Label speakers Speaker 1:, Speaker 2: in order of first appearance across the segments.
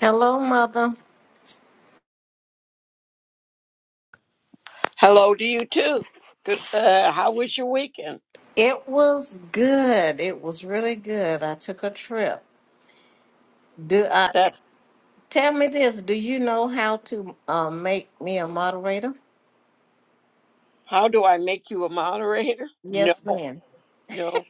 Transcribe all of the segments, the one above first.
Speaker 1: Hello, mother.
Speaker 2: Hello to you too. Good. Uh, how was your weekend?
Speaker 1: It was good. It was really good. I took a trip. Do uh,
Speaker 2: That's
Speaker 1: tell me this. Do you know how to uh, make me a moderator?
Speaker 2: how do I make you a moderator? No,
Speaker 1: Yes, ma'am.
Speaker 2: no.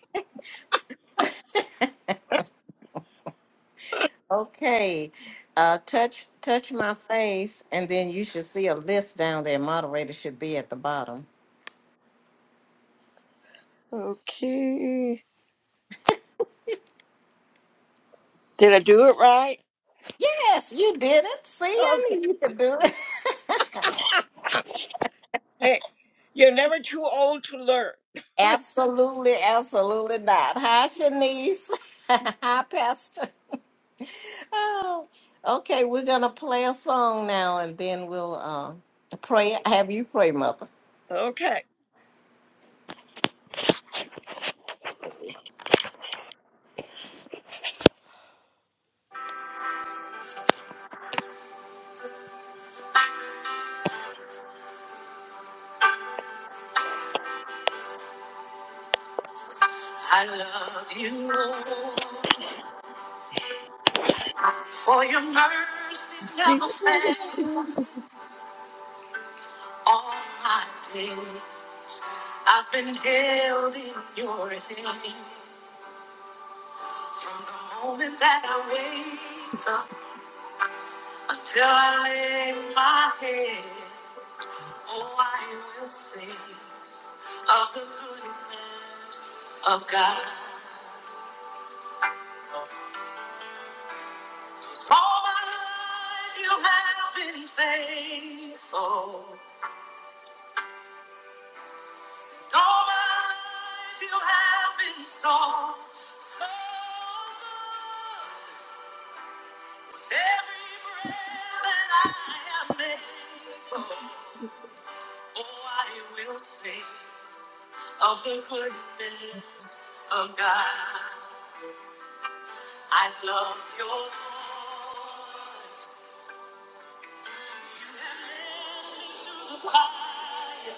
Speaker 1: Okay. Uh, touch touch my face, and then you should see a list down there. Moderator should be at the bottom.
Speaker 2: Okay. Did I do it right?
Speaker 1: Yes, you did it. See, I
Speaker 2: Okay.
Speaker 1: knew you could do it.
Speaker 2: Hey, you're never too old to learn.
Speaker 1: absolutely, absolutely not. Hi, Shanice. Hi, Pastor. Oh, okay, we're gonna play a song now, and then we'll uh, pray. Have you pray, Mother?
Speaker 2: Okay.
Speaker 1: I love you, Lord, for your mercies
Speaker 2: Good
Speaker 1: never fail. All my days, I've been held in your hand from the moment that I wake up until I lay my head. Oh, I will sing of the goodness of God. All my life you have been faithful. All my life you have been so, so good. Every breath that I am able, oh, I will sing of the goodness of God. I love your voice. Deliver me through the fire,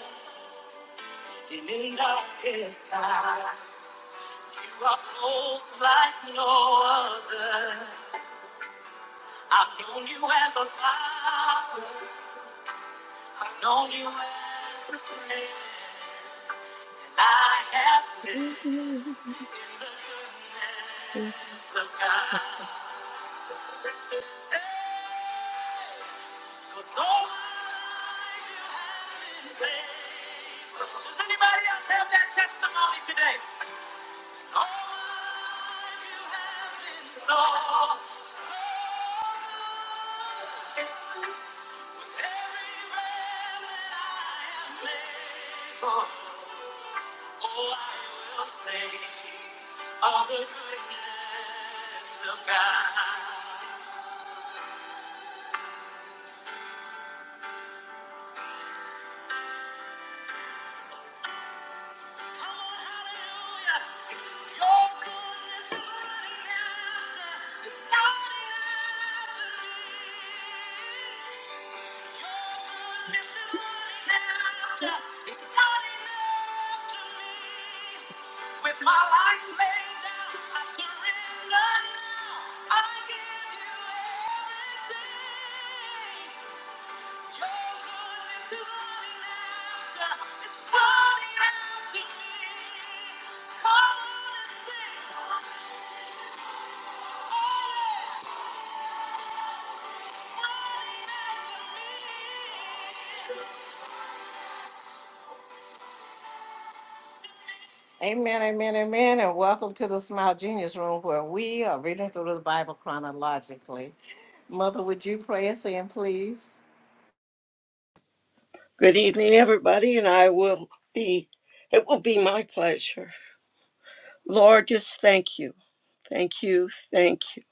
Speaker 1: still in the darkest night. You are close like no other. I've known you as a father. I've known you as a friend. I have lived in the goodness of God. 'Cause all I have is faithful. Does anybody else have that testimony today? Of the goodness of God. Come on, hallelujah. Your goodness is running after, is running after me. Your goodness is running after, is running after me. With my life laid down, I surrender now. I give you everything. Amen, amen, amen, and welcome to the Smile Genius Room where we are reading through the Bible chronologically. Mother, would you pray us in, please?
Speaker 2: evening, everybody, and I will be. It will be my pleasure. Lord, just thank you, thank you, thank you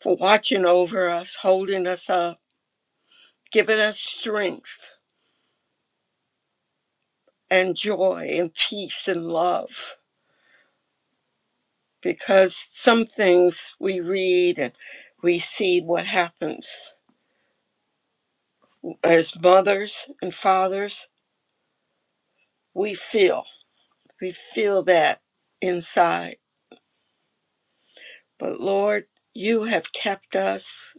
Speaker 2: for watching over us, holding us up, giving us strength. and joy and peace and love because some things we read and we see what happens as mothers and fathers we feel we feel that inside but lord you have kept us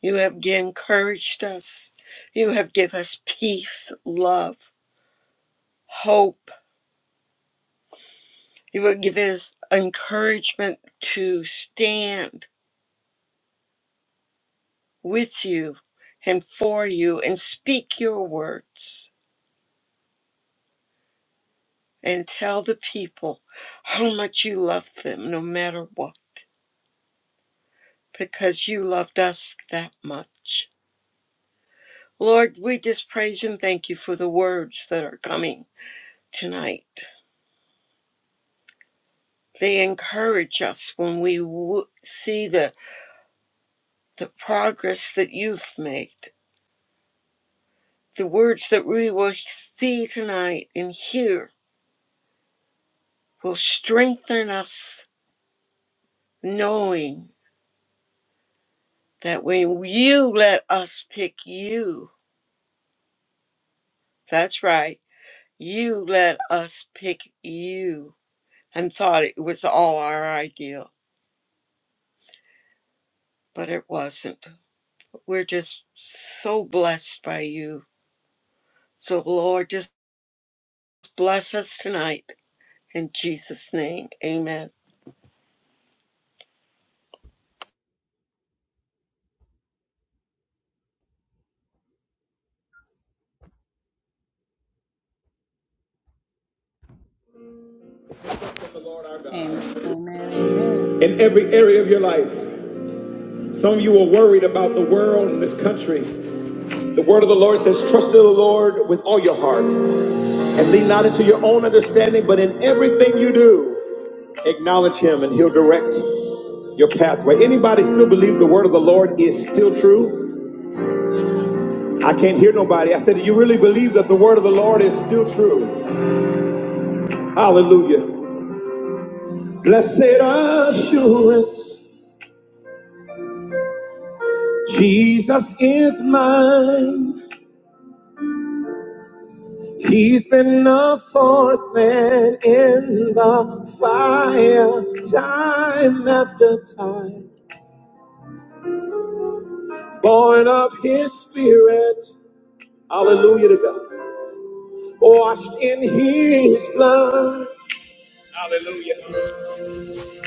Speaker 2: you have encouraged us you have given us peace love hope you have given us encouragement to stand with you and for you and speak your words and tell the people how much you love them no matter what because you loved us that much. Lord, we just praise and thank you for the words that are coming tonight. They encourage us when we w- see the, the progress that you've made. The words that we will see tonight and hear will strengthen us, knowing that when you let us pick you, that's right, you let us pick you, and thought it was all our ideal, but it wasn't. We're just so blessed by you. So, Lord, just bless us tonight in Jesus' name. Amen.
Speaker 3: Amen. Amen. Amen.
Speaker 4: in every area of your life. Some of you are worried about the world and this country. The word of the Lord says, Trust in the Lord with all your heart and lean not into your own understanding, but in everything you do, acknowledge Him and He'll direct your pathway. Anybody still believe the word of the Lord is still true? I can't hear nobody. I said, Do you really believe that the word of the Lord is still true? Hallelujah. Blessed assurance, Jesus is mine. He's been a fourth man in the fire, time after time. Born of his spirit, hallelujah to God. Washed in his blood, hallelujah.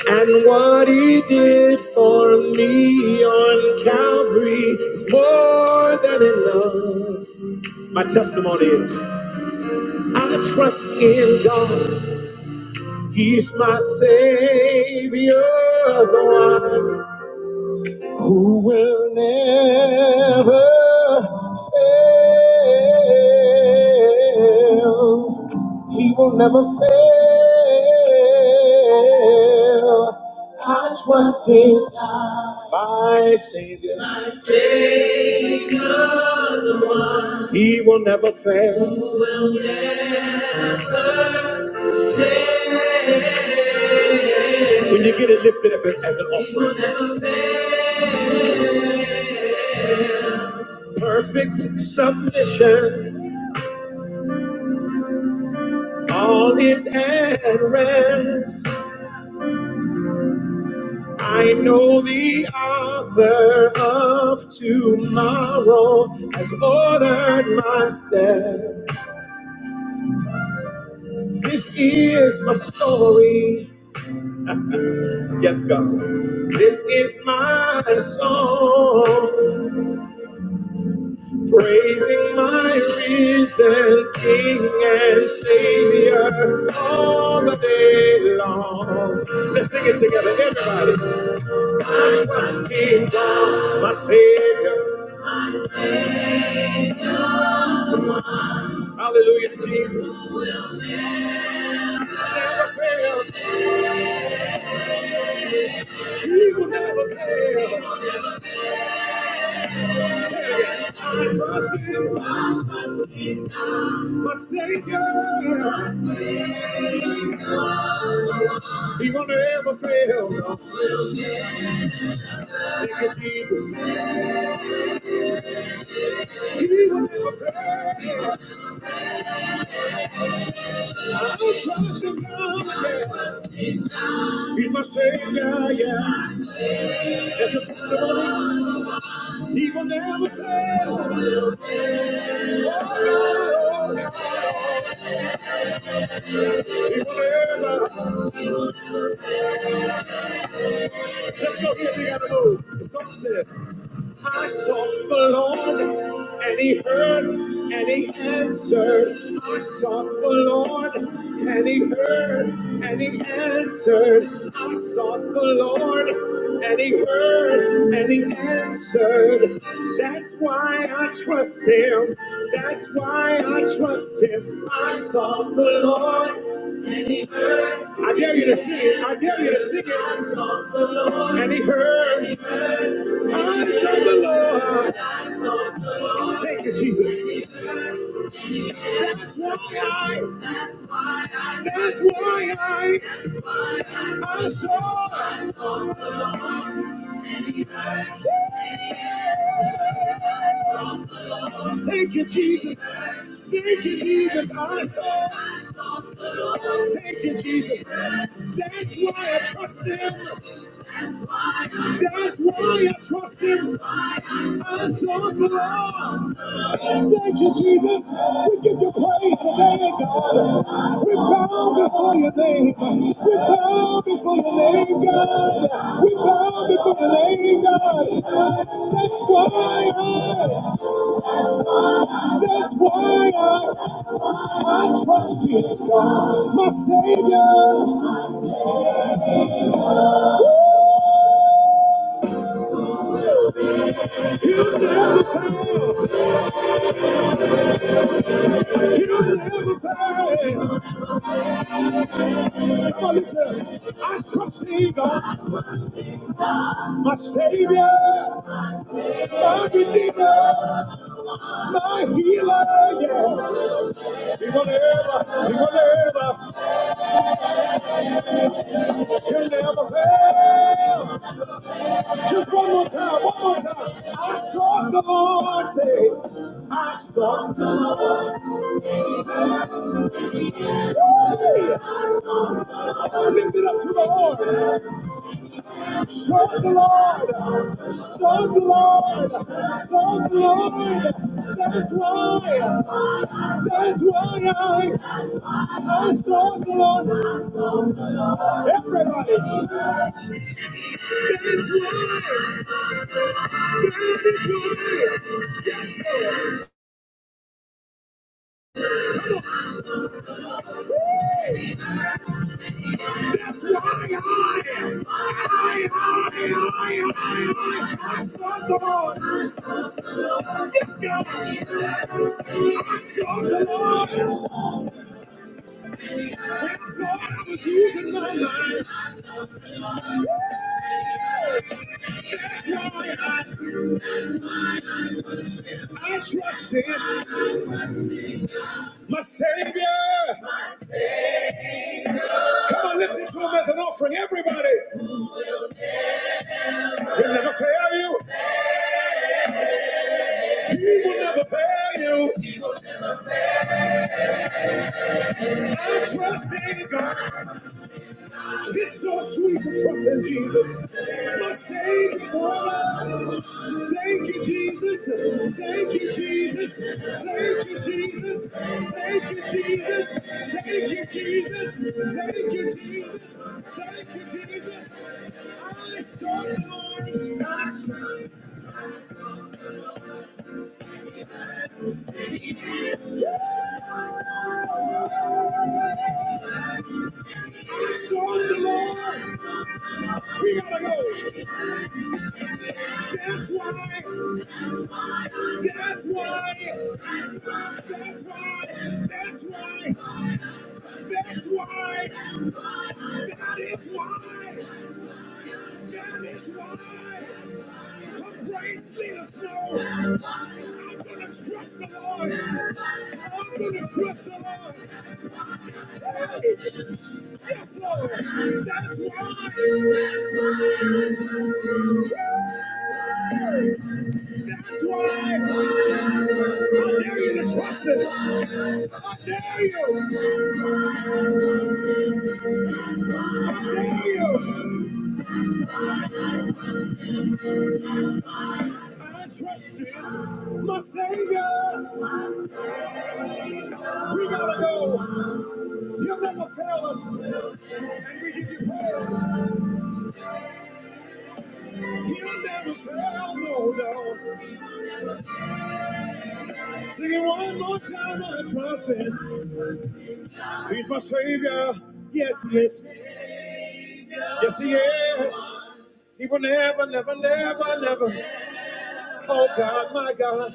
Speaker 4: And what he did for me on Calvary is more than enough. My testimony is I trust in God. He's my Savior, the one who will never fail. He will never fail. I trust in God, my Savior. My Savior, the one He will never fail. who will never fail. When you get it lifted up as an offering, perfect submission, all is at rest. I know the author of tomorrow has ordered my step. This is my story. Yes, God. This is my song. Praising my risen King and Savior all the day long. Let's sing it together, everybody. I trust in God, my Savior. Hallelujah, Jesus. He will never fail. He will never fail. Say it. I trust in God, my Savior. He will never fail. Thank you, Jesus. He will never fail. He's my savior, yeah. yeah. That's a testimony. He will never fail. Oh, no. He will never. Let's go get the animal. The song says. I sought the Lord, and He heard, and He answered. I sought the Lord, and He heard, and He answered. I sought the Lord, and He heard, and He answered. That's why I trust Him. That's why I trust Him. I sought the Lord, and He heard. I dare you to sing it. I dare you to sing it. I sought the Lord, and He heard eyes on the Lord. Thank you, Jesus. That's why I, that's why I, I saw. Thank you, Jesus. Thank you, Jesus. I saw. Thank you, Jesus. That's why I trust Him. That's why I trust Him. I saw the Lord. Thank you, Jesus. We give you praise today, God. We bow before your name. We bow before your name, God. We bow before your name, God. That's why I, that's why I, I trust you, God, my Savior. He'll never fail. He'll never fail. Come on, listen. I trust you, God, my Savior, my Redeemer. my healer, yeah. He will never, he will never, he'll never fail. Just one more time, one more time. I sought the Lord, say, I sought the Lord. Hey, lift it up to the Lord. Show the Lord. Show the Lord. Show the Lord. That's why. That's why I, I saw the Lord. Everybody. That's why. That is why. Yes, Lord. That's why I, I, I, I, I, I, sought the Lord. Yes, God. I sought the Lord. When I thought I was using my mind. That's why I, I trusted my Savior. I'm a lifting offering. Everybody He will never fail you. He will never fail you. I trust in God. It's so sweet to trust in Jesus, my Savior forever. Thank you, Jesus. Thank you, Jesus. Thank you, Jesus. Thank you, Jesus. Thank you, Jesus. Thank you, Jesus. Thank you, Jesus. I sought the Lord. I sought the Lord. I sought the Lord. We gotta go. That's why. That's why. That's why. That's why. That's why. That is why. That is why. The grace let know. I'm gonna trust the Lord. I'm gonna trust the Lord. Yes, Lord. That's why. That's why. I dare you to trust Him. I dare you. I dare you. I trust you, my Savior. We gotta go. You'll never fail us, and we give you praise. You'll never fail, no, no. Sing it one more time. I trust Him. He's my savior. Yes, he is. Yes, he is. He will never, never, never, never. Oh God, my God.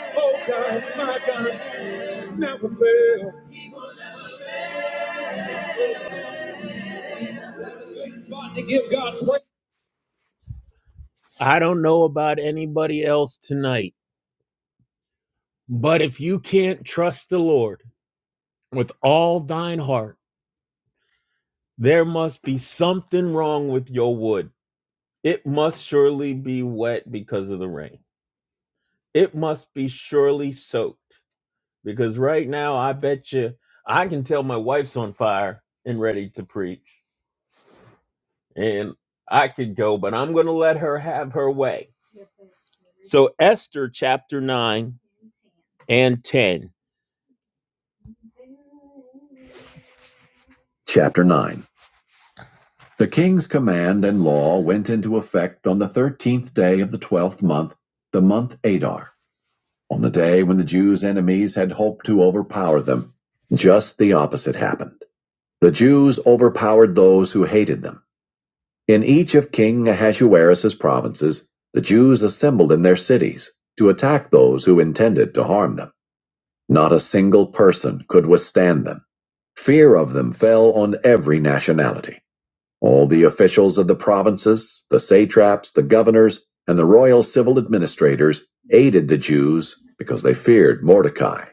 Speaker 4: Oh God, my God. Never fail. And give God praise. I don't know about anybody else tonight, but if you can't trust the Lord with all thine heart, there must be something wrong with your wood. It must surely be wet because of the rain. It must be surely soaked. because right now I bet you I can tell my wife's on fire and ready to preach, and I could go, but I'm going to let her have her way. So, Esther chapter 9 and 10. Chapter 9 The king's command and law went into effect on the thirteenth day of the twelfth month, the month Adar, on the day when the Jews' enemies had hoped to overpower them. Just the opposite happened. The Jews overpowered those who hated them. In each of King Ahasuerus's provinces, the Jews assembled in their cities to attack those who intended to harm them. Not a single person could withstand them. Fear of them fell on every nationality. All the officials of the provinces, the satraps, the governors, and the royal civil administrators aided the Jews because they feared Mordecai.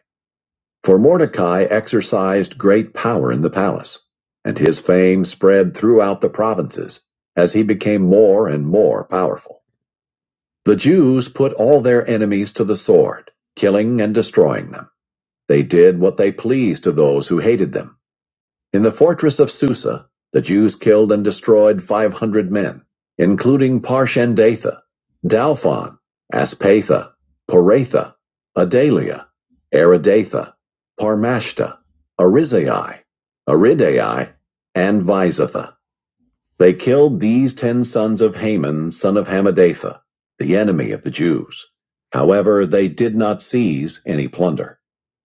Speaker 4: For Mordecai exercised great power in the palace, and his fame spread throughout the provinces as he became more and more powerful. The Jews put all their enemies to the sword, killing and destroying them. They did what they pleased to those who hated them in the fortress of Susa, the Jews killed and destroyed 500 men, including Parshendatha, Dalphon, Aspatha, Poratha, Adalia, Aridatha, Parmashta, Arizai, Aridai, and Visatha. They killed these ten sons of Haman, son of Hammedatha, the enemy of the Jews. However, they did not seize any plunder.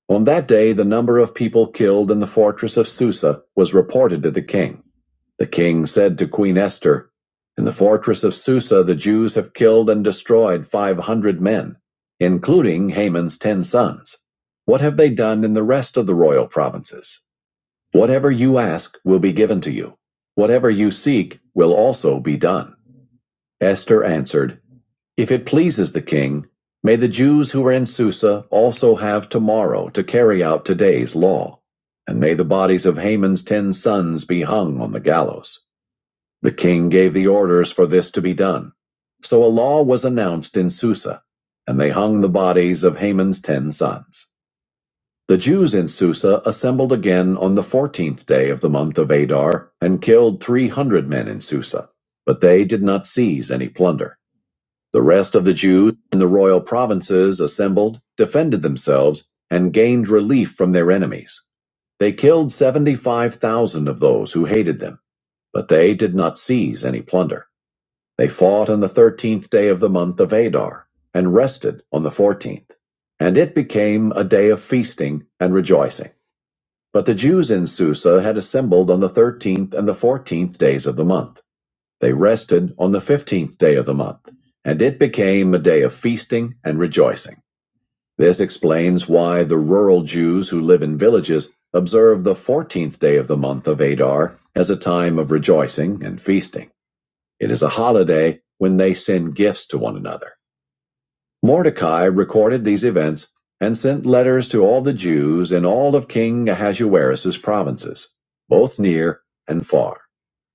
Speaker 4: On that day the number of people killed in the fortress of Susa was reported to the king. The king said to Queen Esther, In the fortress of Susa the Jews have killed and destroyed five hundred men, including Haman's ten sons. What have they done in the rest of the royal provinces? Whatever you ask will be given to you. Whatever you seek will also be done. Esther answered, if it pleases the king, may the Jews who are in Susa also have tomorrow to carry out today's law, and may the bodies of Haman's ten sons be hung on the gallows. The king gave the orders for this to be done. So a law was announced in Susa, and they hung the bodies of Haman's ten sons. The Jews in Susa assembled again on the fourteenth day of the month of Adar and killed three hundred men in Susa, but they did not seize any plunder. The rest of the Jews in the royal provinces assembled, defended themselves, and gained relief from their enemies. They killed 75,000 of those who hated them, but they did not seize any plunder. They fought on the 13th day of the month of Adar and rested on the 14th. And it became a day of feasting and rejoicing. But the Jews in Susa had assembled on the 13th and the 14th days of the month. They rested on the fifteenth day of the month, and it became a day of feasting and rejoicing. This explains why the rural Jews who live in villages observe the fourteenth day of the month of Adar as a time of rejoicing and feasting. It is a holiday when they send gifts to one another. Mordecai recorded these events and sent letters to all the Jews in all of King Ahasuerus's provinces, both near and far.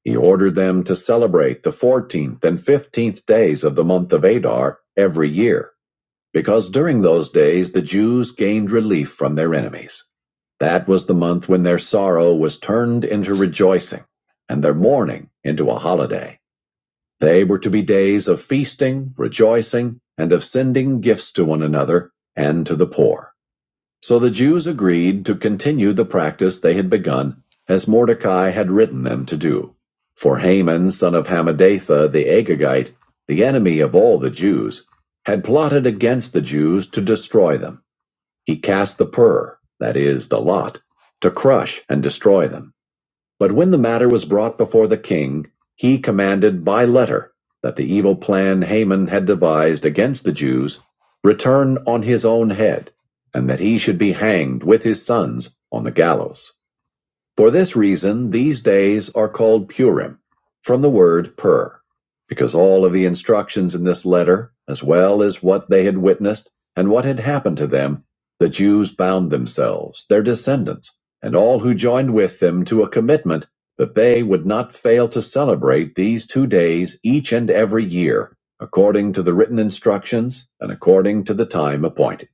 Speaker 4: He ordered them to celebrate the 14th and 15th days of the month of Adar every year, because during those days the Jews gained relief from their enemies. That was the month when their sorrow was turned into rejoicing and their mourning into a holiday. They were to be days of feasting, rejoicing, and of sending gifts to one another and to the poor. So the Jews agreed to continue the practice they had begun, as Mordecai had written them to do. For Haman, son of Hammedatha the Agagite, the enemy of all the Jews, had plotted against the Jews to destroy them. He cast the pur, that is, the lot, to crush and destroy them. But when the matter was brought before the king, he commanded by letter that the evil plan Haman had devised against the Jews return on his own head, and that he should be hanged with his sons on the gallows. For this reason, these days are called Purim, from the word pur, because all of the instructions in this letter, as well as what they had witnessed and what had happened to them, the Jews bound themselves, their descendants, and all who joined with them to a commitment that they would not fail to celebrate these two days each and every year, according to the written instructions and according to the time appointed.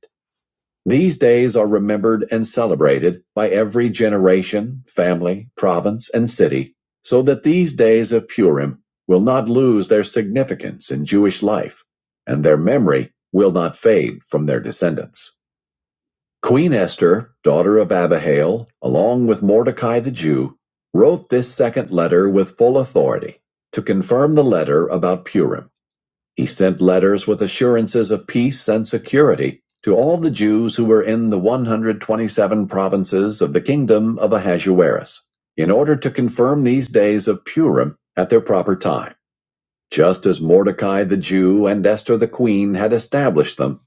Speaker 4: These days are remembered and celebrated by every generation, family, province, and city, so that these days of Purim will not lose their significance in Jewish life, and their memory will not fade from their descendants. Queen Esther, daughter of Abihail, along with Mordecai the Jew, wrote this second letter with full authority to confirm the letter about Purim. He sent letters with assurances of peace and security to all the Jews who were in the 127 provinces of the kingdom of Ahasuerus, in order to confirm these days of Purim at their proper time, just as Mordecai the Jew and Esther the queen had established them,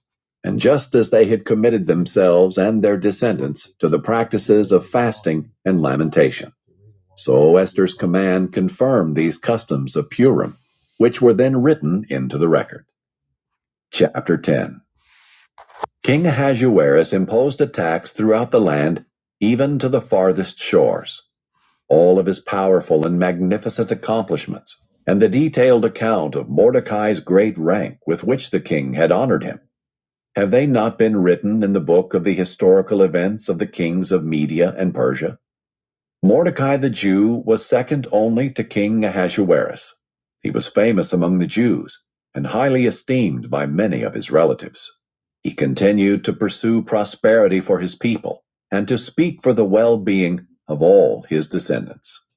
Speaker 4: and just as they had committed themselves and their descendants to the practices of fasting and lamentation. So Esther's command confirmed these customs of Purim, which were then written into the record. Chapter 10 King Ahasuerus imposed a tax throughout the land, even to the farthest shores. All of his powerful and magnificent accomplishments, and the detailed account of Mordecai's great rank with which the king had honored him, have they not been written in the book of the historical events of the kings of Media and Persia? Mordecai the Jew was second only to King Ahasuerus. He was famous among the Jews and highly esteemed by many of his relatives. He continued to pursue prosperity for his people and to speak for the well being of all his descendants.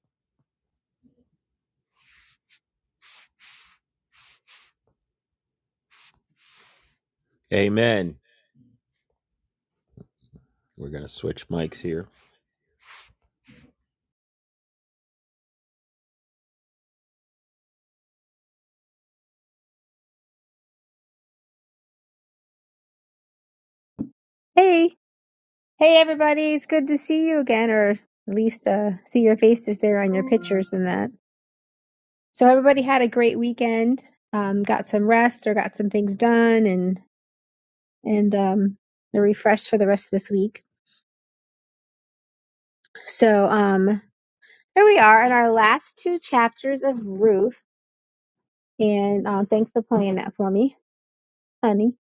Speaker 4: Amen. We're going to switch mics here.
Speaker 5: Hey, hey everybody, it's good to see you again, or at least uh, see your faces there on your pictures and that. So everybody had a great weekend, um, got some rest or got some things done and and um they're refreshed for the rest of this week. So um here we are in our last two chapters of Ruth, and um, thanks for playing that for me, honey.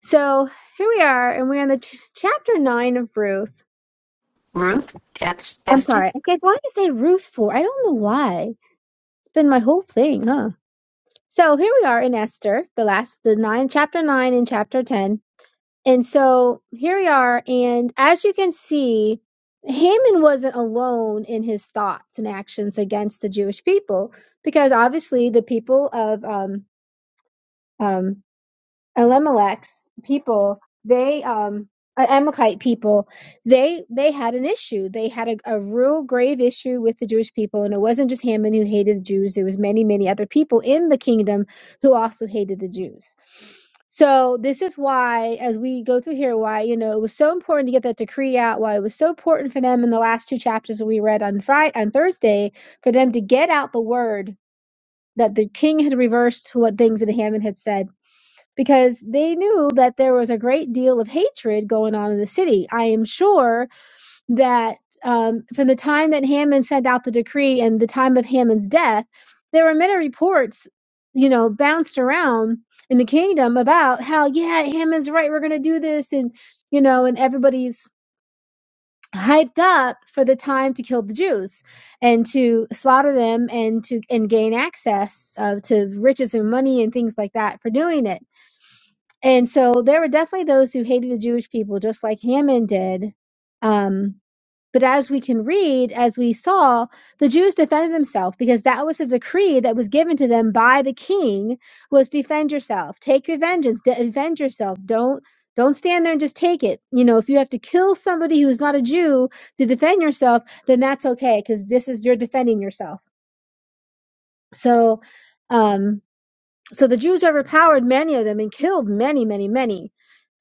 Speaker 5: So here we are, and we're on the t- chapter nine of Ruth.
Speaker 6: Ruth,
Speaker 5: I'm
Speaker 6: Esther,
Speaker 5: sorry, I keep wanting to say Ruth for I don't know why. It's been my whole thing, huh? So here we are in Esther, the last, the nine, chapter nine and chapter 10. And so here we are. And as you can see, Haman wasn't alone in his thoughts and actions against the Jewish people, because obviously the people of, um, um, Elimelech's people, they um uh, Amalekite people, they they had an issue. They had a, a real grave issue with the Jewish people, and it wasn't just Haman who hated the Jews. There was many many other people in the kingdom who also hated the Jews. So this is why, as we go through here, why you know it was so important to get that decree out. Why it was so important for them in the last two chapters that we read on Friday on Thursday for them to get out the word that the king had reversed what things that Haman had said because they knew that there was a great deal of hatred going on in the city. I am sure that um, from the time that Hammond sent out the decree and the time of Hammond's death, there were many reports, you know, bounced around in the kingdom about how, yeah, Hammond's right, we're going to do this. And, you know, and everybody's hyped up for the time to kill the Jews and to slaughter them and to and gain access uh, to riches and money and things like that for doing it and so there were definitely those who hated the Jewish people, just like Haman did. Um, but as we can read, as we saw, the Jews defended themselves because that was a decree that was given to them by the king: was defend yourself, take your vengeance, de- avenge yourself. Don't don't stand there and just take it. You know, if you have to kill somebody who is not a Jew to defend yourself, then that's okay because this is you're defending yourself. So. Um, so the Jews overpowered many of them and killed many, many, many,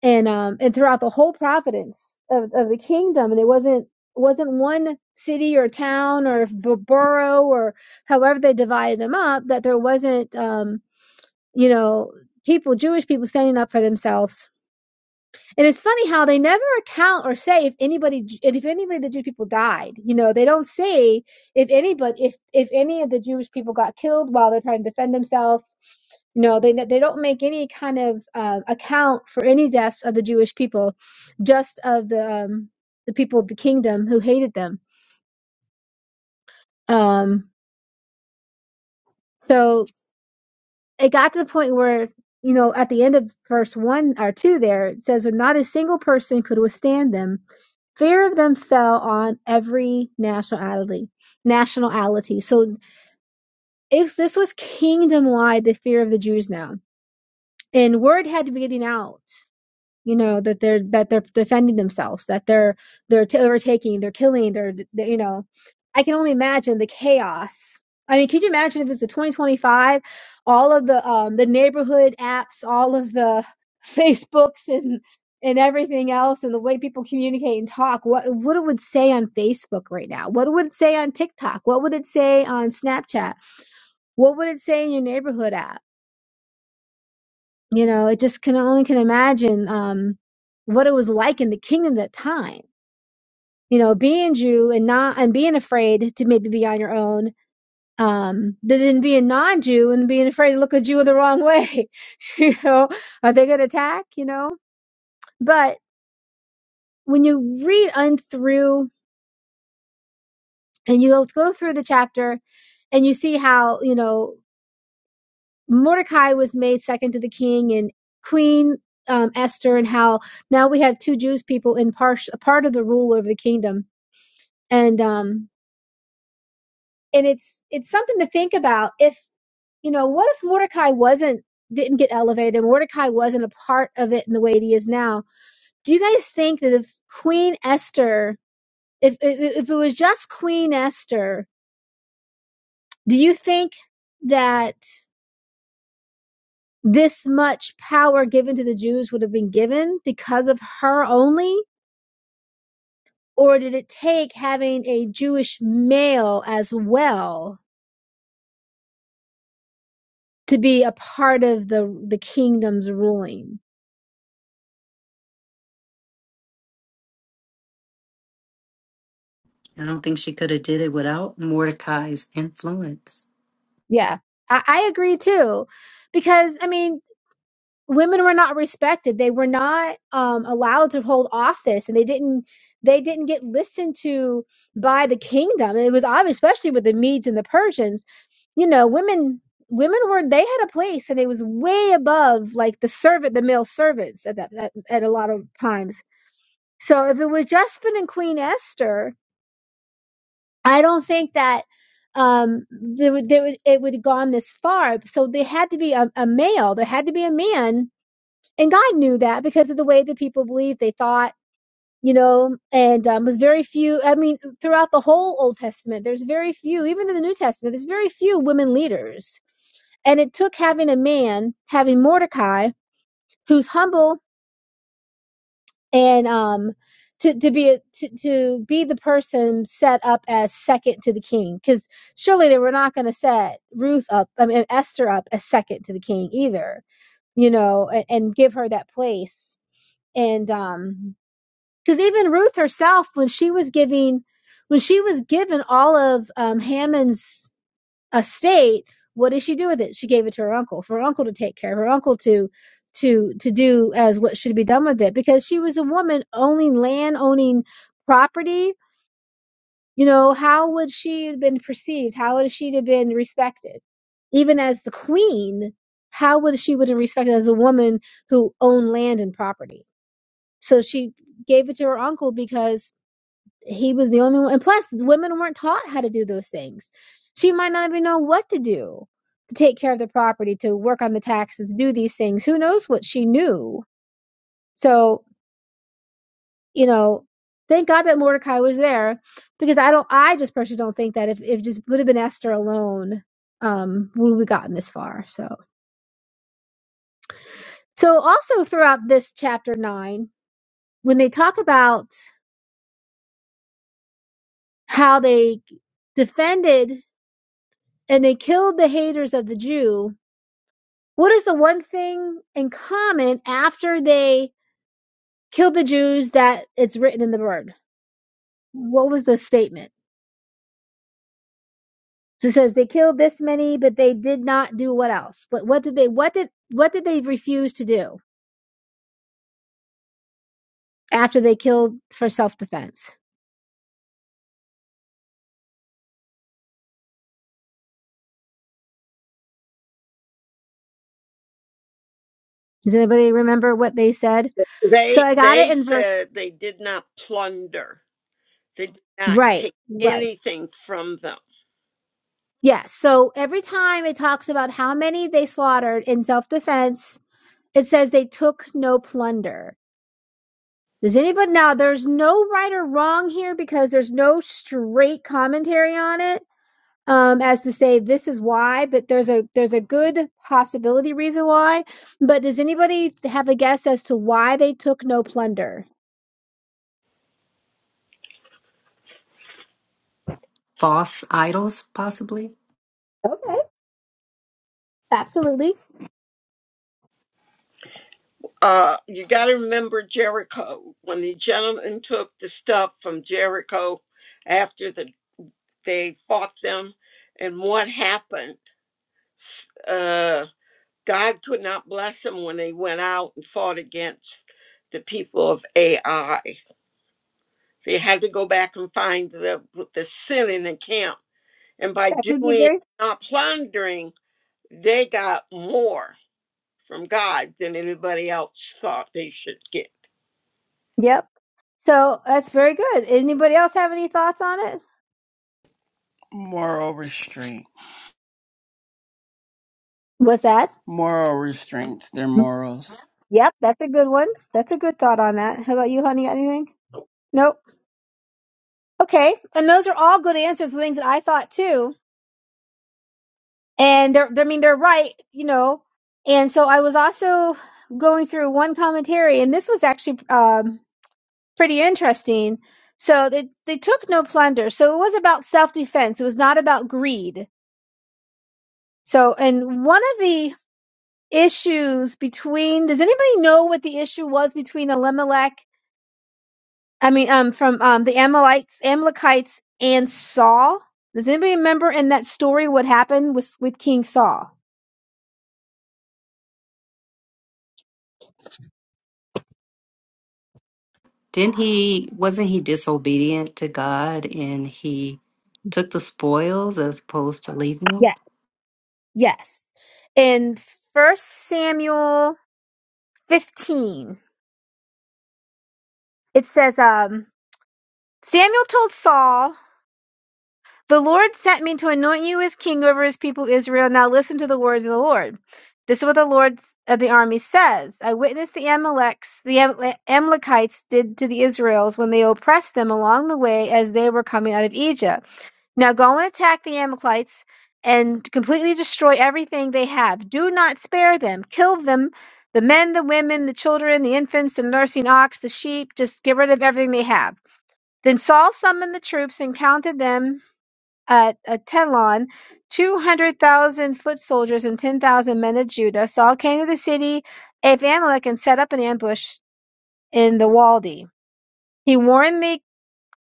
Speaker 5: and um, and throughout the whole providence of, of the kingdom, and it wasn't wasn't one city or town or b- borough or however they divided them up that there wasn't um, you know people Jewish people standing up for themselves and it's funny how they never account or say if anybody, if anybody, the Jewish people died. You know, they don't say if anybody, if if any of the Jewish people got killed while they're trying to defend themselves. You know, they they don't make any kind of uh, account for any deaths of the Jewish people, just of the um, the people of the kingdom who hated them. Um, so it got to the point where you know at the end of verse one or two there it says not a single person could withstand them fear of them fell on every nationality nationality so if this was kingdom wide the fear of the jews now and word had to be getting out you know that they're that they're defending themselves that they're they're t- overtaking they're killing they're, they you know i can only imagine the chaos i mean could you imagine if it's the 2025 all of the um the neighborhood apps all of the facebooks and and everything else and the way people communicate and talk what what it would say on facebook right now what would it say on tiktok what would it say on snapchat what would it say in your neighborhood app you know, it just can only can imagine um, what it was like in the kingdom at that time. You know, being Jew and not and being afraid to maybe be on your own. Um, than being non-Jew and being afraid to look a Jew the wrong way. you know, are they going to attack? You know, but when you read on through and you go through the chapter and you see how you know Mordecai was made second to the king and Queen um, Esther, and how now we have two Jews people in part a part of the rule of the kingdom, and um, and it's it's something to think about. If you know, what if Mordecai wasn't didn't get elevated? Mordecai wasn't a part of it in the way that he is now. Do you guys think that if Queen Esther, if if, if it was just Queen Esther, do you think that? this much power given to the Jews would have been given because of her only? Or did it take having a Jewish male as well to be a part of the, the kingdom's ruling?
Speaker 6: I don't think she could have did it without Mordecai's influence.
Speaker 5: Yeah, I, I agree too. Because, I mean, women were not respected they were not um, allowed to hold office and they didn't they didn't get listened to by the kingdom it was obvious especially with the medes and the persians you know women women were they had a place and it was way above like the servant the male servants at that at, at a lot of times so if it was Jespin and queen esther i don't think that um they would, they would it would have gone this far so they had to be a, a male there had to be a man and God knew that because of the way that people believed, they thought, you know, and um, was very few. I mean, throughout the whole Old Testament, there's very few, even in the New Testament, there's very few women leaders. And it took having a man, having Mordecai, who's humble and um, to to be a, to to be the person set up as second to the king, because surely they were not going to set Ruth up, I mean Esther up as second to the king either, you know, and, and give her that place. And um, Because even Ruth herself, when she was giving, when she was given all of um, Hammond's estate, what did she do with it? She gave it to her uncle for her uncle to take care of, her uncle to to to do as what should be done with it. Because she was a woman owning land, owning property. You know, how would she have been perceived? How would she have been respected? Even as the queen, how would she would have been respected as a woman who owned land and property? So she gave it to her uncle because he was the only one. And plus, women weren't taught how to do those things. She might not even know what to do to take care of the property, to work on the taxes, to do these things. Who knows what she knew? So, you know, thank God that Mordecai was there because I don't, I just personally don't think that if, if it just would have been Esther alone, um, would we gotten this far. So, so also throughout this chapter nine, when they talk about how they defended and they killed the haters of the Jew, What is the one thing in common after they killed the Jews that it's written in the word? What was the statement? So it says they killed this many, but they did not do what else? But what did they what did what did they refuse to do after they killed for self defense? Does anybody remember what they said? So
Speaker 2: They
Speaker 5: I got it
Speaker 2: they
Speaker 5: in verse
Speaker 2: said they did not plunder. They did not
Speaker 5: right,
Speaker 2: take
Speaker 5: right.
Speaker 2: anything from them.
Speaker 5: Yeah. So every time it talks about how many they slaughtered in self defense, it says they took no plunder Does anybody now? There's no right or wrong here because there's no straight commentary on it, um, as to say this is why. But there's a there's a good possibility reason why. But does anybody have a guess as to why they took no plunder?
Speaker 6: False idols, possibly.
Speaker 5: Okay. Absolutely,
Speaker 2: Uh, you got to remember Jericho. When the gentlemen took the stuff from Jericho after the, they fought them, and what happened? S- Uh, God could not bless them when they went out and fought against the people of AI. They had to go back and find the, the sin in the camp. And by
Speaker 5: that could be
Speaker 2: doing,
Speaker 5: very.
Speaker 2: not plundering, they got more from God than anybody else thought they should get.
Speaker 5: Yep. So that's very good. Anybody else have any thoughts on it?
Speaker 3: Moral restraint.
Speaker 5: What's that?
Speaker 3: Moral restraints. Their morals.
Speaker 5: Yep, that's a good one. That's a good thought on that. How about you, honey? Got anything? Nope. Okay. And those are all good answers to things that I thought too. and they're I mean they're right, you know. And so I was also going through one commentary, and this was actually um, pretty interesting. So they they took no plunder. So it was about self defense. It was not about greed. So and one of the issues between does anybody know what the issue was between Elimelech? I mean, um, from um the Amalekites, Amalekites and Saul. Does anybody remember in that story what happened with with King Saul?
Speaker 6: Didn't he? Wasn't he disobedient to God, and he took the spoils as opposed to leaving them?
Speaker 5: Yes. In first Samuel fifteen, it says, um, Samuel told Saul, The Lord sent me to anoint you as king over his people Israel. Now listen to the words of the Lord. This is what the Lord of the army says. I witnessed the Amaleks, the Am- Amalekites did to the Israels when they oppressed them along the way as they were coming out of Egypt. Now go and attack the Amalekites and completely destroy everything they have. Do not spare them. Kill them the men, the women, the children, the infants, the nursing ox, the sheep. Just get rid of everything they have. Then Saul summoned the troops and counted them at, Telon 200,000 foot soldiers and 10,000 men of Judah. Saul came to the city of Amalek and set up an ambush in the Wadi. He warned the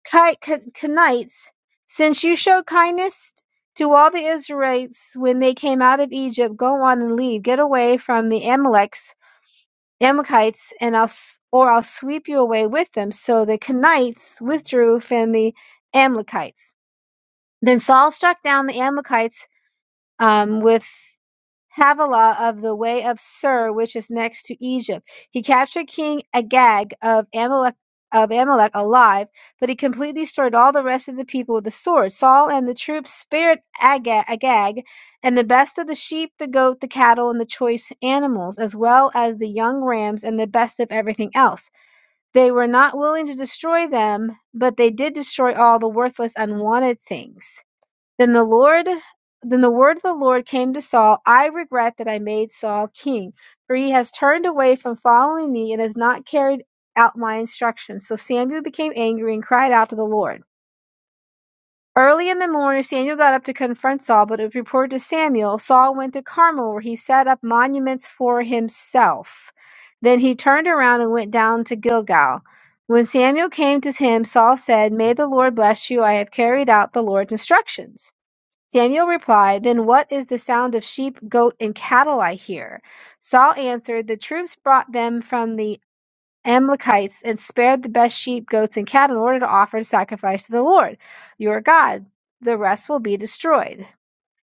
Speaker 5: Kenites, since you showed kindness to all the Israelites when they came out of Egypt, go on and leave. Get away from the Amaleks, Amalekites, and I'll, or I'll sweep you away with them. So the Kenites withdrew from the Amalekites. Then Saul struck down the Amalekites um, with Havilah of the way of Sur which is next to Egypt. He captured King Agag of Amalek of Amalek alive, but he completely destroyed all the rest of the people with the sword. Saul and the troops spared Aga- Agag and the best of the sheep, the goat, the cattle, and the choice animals, as well as the young rams and the best of everything else. They were not willing to destroy them, but they did destroy all the worthless, unwanted things. Then the Lord then the word of the Lord came to Saul, I regret that I made Saul king, for he has turned away from following me and has not carried out my instructions. So Samuel became angry and cried out to the Lord. Early in the morning, Samuel got up to confront Saul, but it was reported to Samuel, Saul went to Carmel, where he set up monuments for himself. Then he turned around and went down to Gilgal. When Samuel came to him, Saul said, May the Lord bless you. I have carried out the Lord's instructions. Samuel replied, Then what is the sound of sheep, goat, and cattle I hear? Saul answered, The troops brought them from the Amalekites and spared the best sheep, goats, and cattle in order to offer sacrifice to the Lord your God. The rest will be destroyed.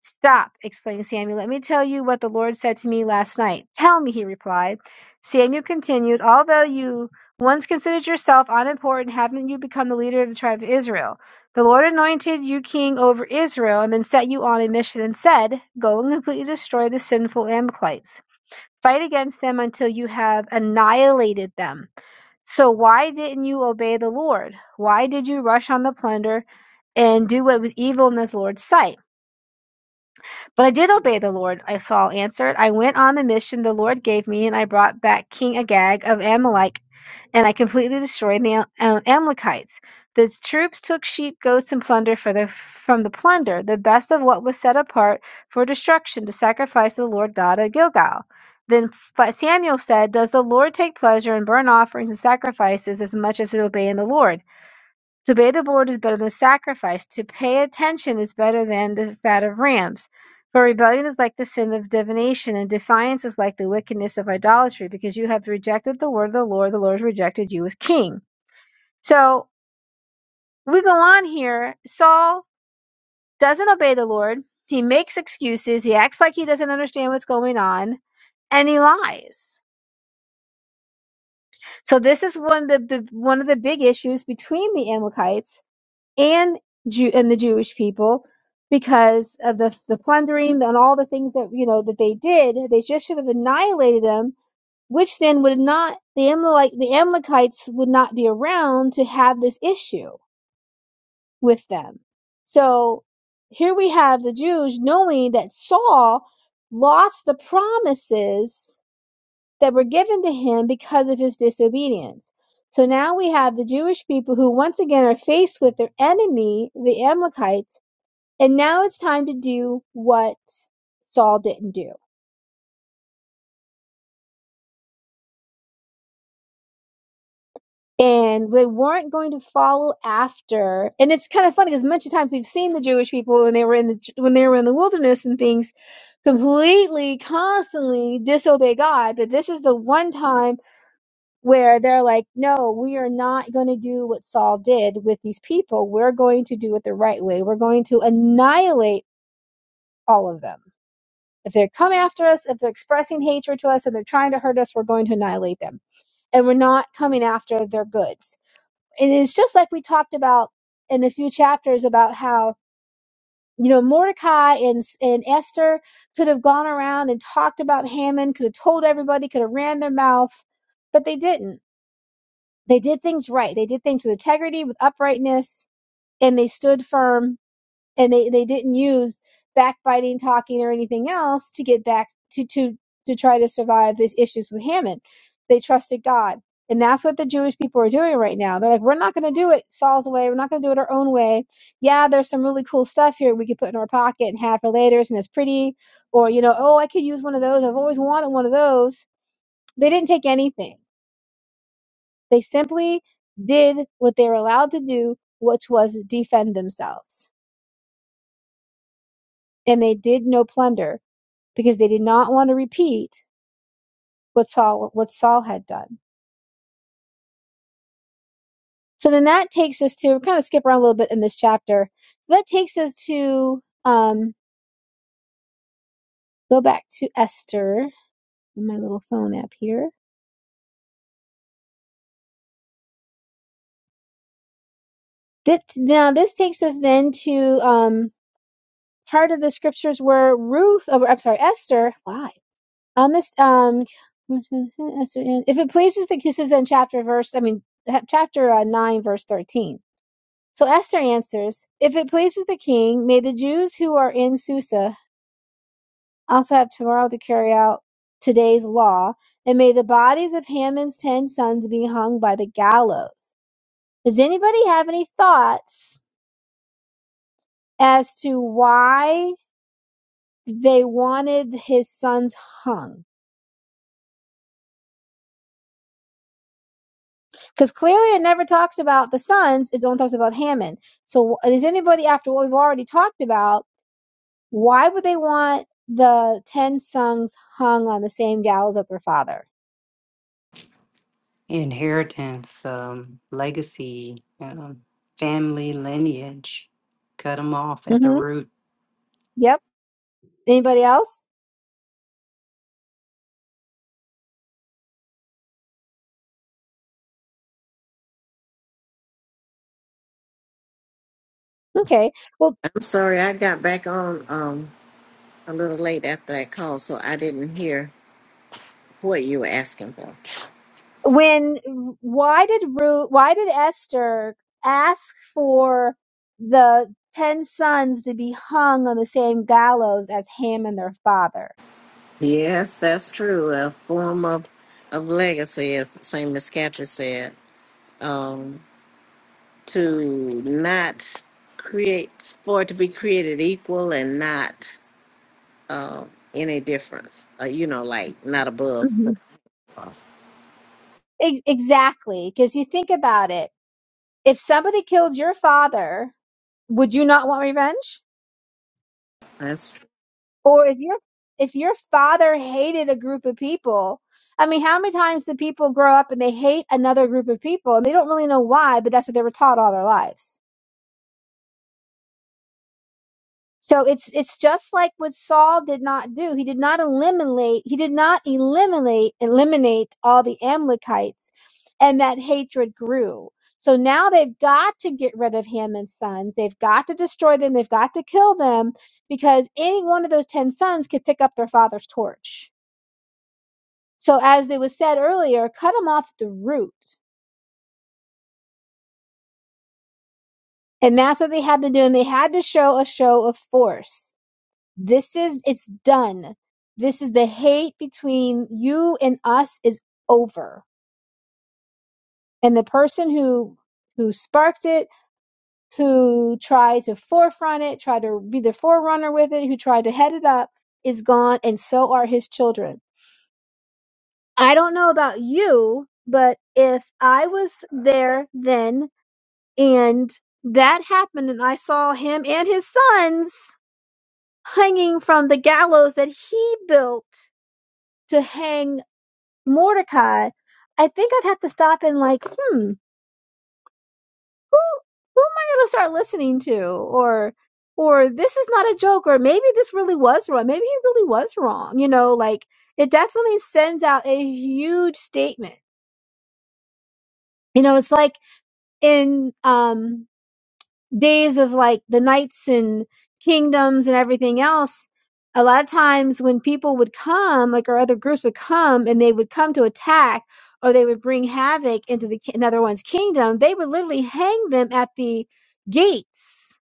Speaker 5: Stop, exclaimed Samuel. Let me tell you what the Lord said to me last night. Tell me, he replied. Samuel continued, Although you once considered yourself unimportant, haven't you become the leader of the tribe of Israel? The Lord anointed you king over Israel and then set you on a mission and said, Go and completely destroy the sinful Amalekites. Fight against them until you have annihilated them. So why didn't you obey the Lord? Why did you rush on the plunder and do what was evil in the Lord's sight? But I did obey the Lord, Saul answered. I went on the mission the Lord gave me, and I brought back King Agag of Amalek, and I completely destroyed the Am- uh, Amalekites. The troops took sheep, goats, and plunder for the, from the plunder, the best of what was set apart for destruction to sacrifice to the Lord God at Gilgal. Then F- Samuel said, Does the Lord take pleasure in burnt offerings and sacrifices as much as in obeying the Lord? To bathe aboard is better than sacrifice. To pay attention is better than the fat of rams. For rebellion is like the sin of divination, and defiance is like the wickedness of idolatry, because you have rejected the word of the Lord, the Lord has rejected you as king. So we go on here. Saul doesn't obey the Lord. He makes excuses. He acts like he doesn't understand what's going on, and he lies. So this is one of the, the one of the big issues between the Amalekites and Jew and the Jewish people because of the the plundering and all the things that you know that they did. They just should have annihilated them, which then would not the Amalek the Amalekites would not be around to have this issue with them. So here we have the Jews knowing that Saul lost the promises that were given to him because of his disobedience. So now we have the Jewish people who once again are faced with their enemy, the Amalekites, and now it's time to do what Saul didn't do. And they weren't going to follow after. And it's kind of funny because many times we've seen the Jewish people when they were in the when they were in the wilderness and things completely, constantly disobey God. But this is the one time where they're like, no, we are not going to do what Saul did with these people. We're going to do it the right way. We're going to annihilate all of them. If they come after us, if they're expressing hatred to us, and they're trying to hurt us, we're going to annihilate them. and we're not coming after their goods. And it's just like we talked about in a few chapters about how you know Mordecai and and Esther could have gone around and talked about Haman, could have told everybody, could have ran their mouth, but they didn't. They did things right. They did things with integrity, with uprightness, and they stood firm and they, they didn't use backbiting, talking, or anything else to get back to to to try to survive these issues with Haman. They trusted God, and that's what the Jewish people are doing right now. They're like, we're not going to do it Saul's way. We're not going to do it our own way. Yeah, there's some really cool stuff here we could put in our pocket and have for later, and it's pretty. Or you know, oh, I could use one of those. I've always wanted one of those. They didn't take anything. They simply did what they were allowed to do, which was defend themselves, and they did no plunder because they did not want to repeat what Saul what Saul had done. So then that takes us to we're kind of skip around a little bit in this chapter. So that takes us to um, go back to Esther. My little phone app here. That, now this takes us then to um, part of the scriptures where Ruth, oh, I'm sorry, Esther. Why on this? Um, Esther, if it pleases the kisses in chapter verse, I mean chapter uh, nine verse thirteen So Esther answers, If it pleases the king, may the Jews who are in Susa also have tomorrow to carry out today's law, and may the bodies of Haman's ten sons be hung by the gallows. Does anybody have any thoughts as to why they wanted his sons hung? Because clearly it never talks about the sons, it only talks about Haman. So, does anybody, after what we've already talked about, Why would they want the 10 sons hung on the same gallows as their father?
Speaker 6: Inheritance, um, legacy, um, family lineage. Cut him off at the
Speaker 5: hmm
Speaker 6: root.
Speaker 5: Yep. Anybody else? Okay. Well,
Speaker 1: I'm sorry, I got back on um a little late after that call, so I didn't hear what you were asking for.
Speaker 5: when, why did Ruth, why did Esther ask for the 10 sons to be hung on the same gallows as Ham and their father?
Speaker 1: Yes, that's true. A form of, of legacy, as St. Miscavige said, um, to not create, for it to be created equal and not um, any difference, uh, you know, like not above
Speaker 5: hmm
Speaker 1: the cross.
Speaker 5: exactly. Because you think about it. If somebody killed your father, would you not want revenge?
Speaker 1: That's true.
Speaker 5: or if your if your father hated a group of people i mean how many times do people grow up and they hate another group of people and they don't really know why but that's what they were taught all their lives so it's it's just like what saul did not do he did not eliminate he did not eliminate eliminate all the amalekites and that hatred grew so now they've got to get rid of him and sons they've got to destroy them they've got to kill them because any one of those 10 sons could pick up their father's torch So as it was said earlier, cut them off at the root. And that's what they had to do. And they had to show a show of force. This is, it's done. This is the hate between you and us is over. And the person who, who sparked it, who tried to forefront it, tried to be the forerunner with it, who tried to head it up is gone. And so are his children. I don't know about you, but if I was there then And that happened, and I saw him and his sons hanging from the gallows that he built to hang Mordecai. I think I'd have to stop and like, hmm, who who am I going to start listening to, or or this is not a joke, or maybe this really was wrong. Maybe he really was wrong. You know, like it definitely sends out a huge statement. You know, it's like in um days of like the knights and kingdoms and everything else, a lot of times when people would come, like our other groups would come and they would come to attack or they would bring havoc into the ki- another one's kingdom, they would literally hang them at the gates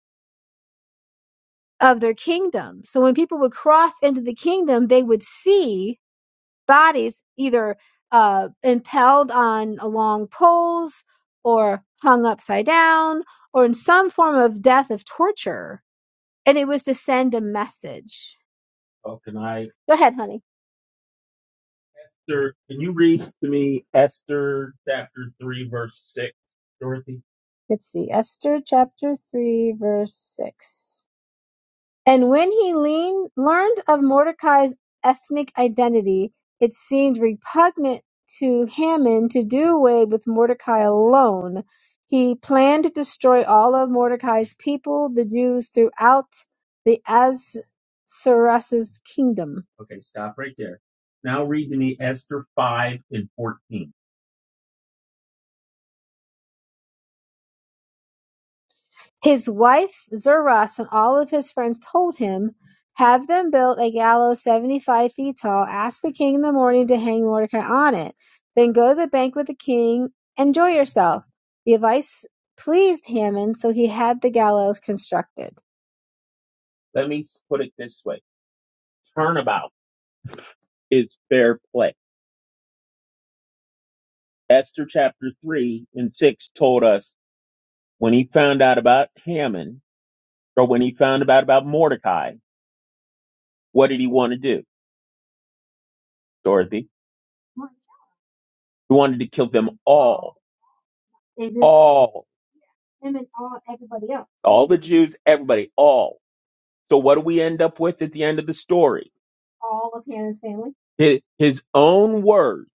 Speaker 5: of their kingdom. So when people would cross into the kingdom, they would see bodies either uh, impaled on along poles or hung upside down or in some form of death of torture and it was to send a message. Oh, can I? Go ahead, honey. Esther, can you read to me Esther chapter 3, verse 6, Dorothy? Let's see. Esther chapter 3, verse 6. And when he lean, learned of Mordecai's ethnic identity, it seemed repugnant to Haman to do away with Mordecai alone. He planned to destroy all of Mordecai's people, the Jews, throughout the Ahasuerus' kingdom. Okay, stop right there. Now read to me Esther 5 and 14. His wife Zuras and all of his friends told him, Have them build a gallows seventy-five feet tall, ask the king in the morning to hang Mordecai on it, then go to the banquet with the king, enjoy yourself. The advice pleased Haman, so he had the gallows constructed. Let me put it this way turnabout is fair play. Esther chapter 3 and 6 told us when he found out about Haman, or when he found out about Mordecai, what did he want to do, Dorothy? He wanted to kill them all, and then all, him and all everybody else, all the Jews, everybody, all. So what do we end up with at the end of the story? All of Hannah's family. His, his own words,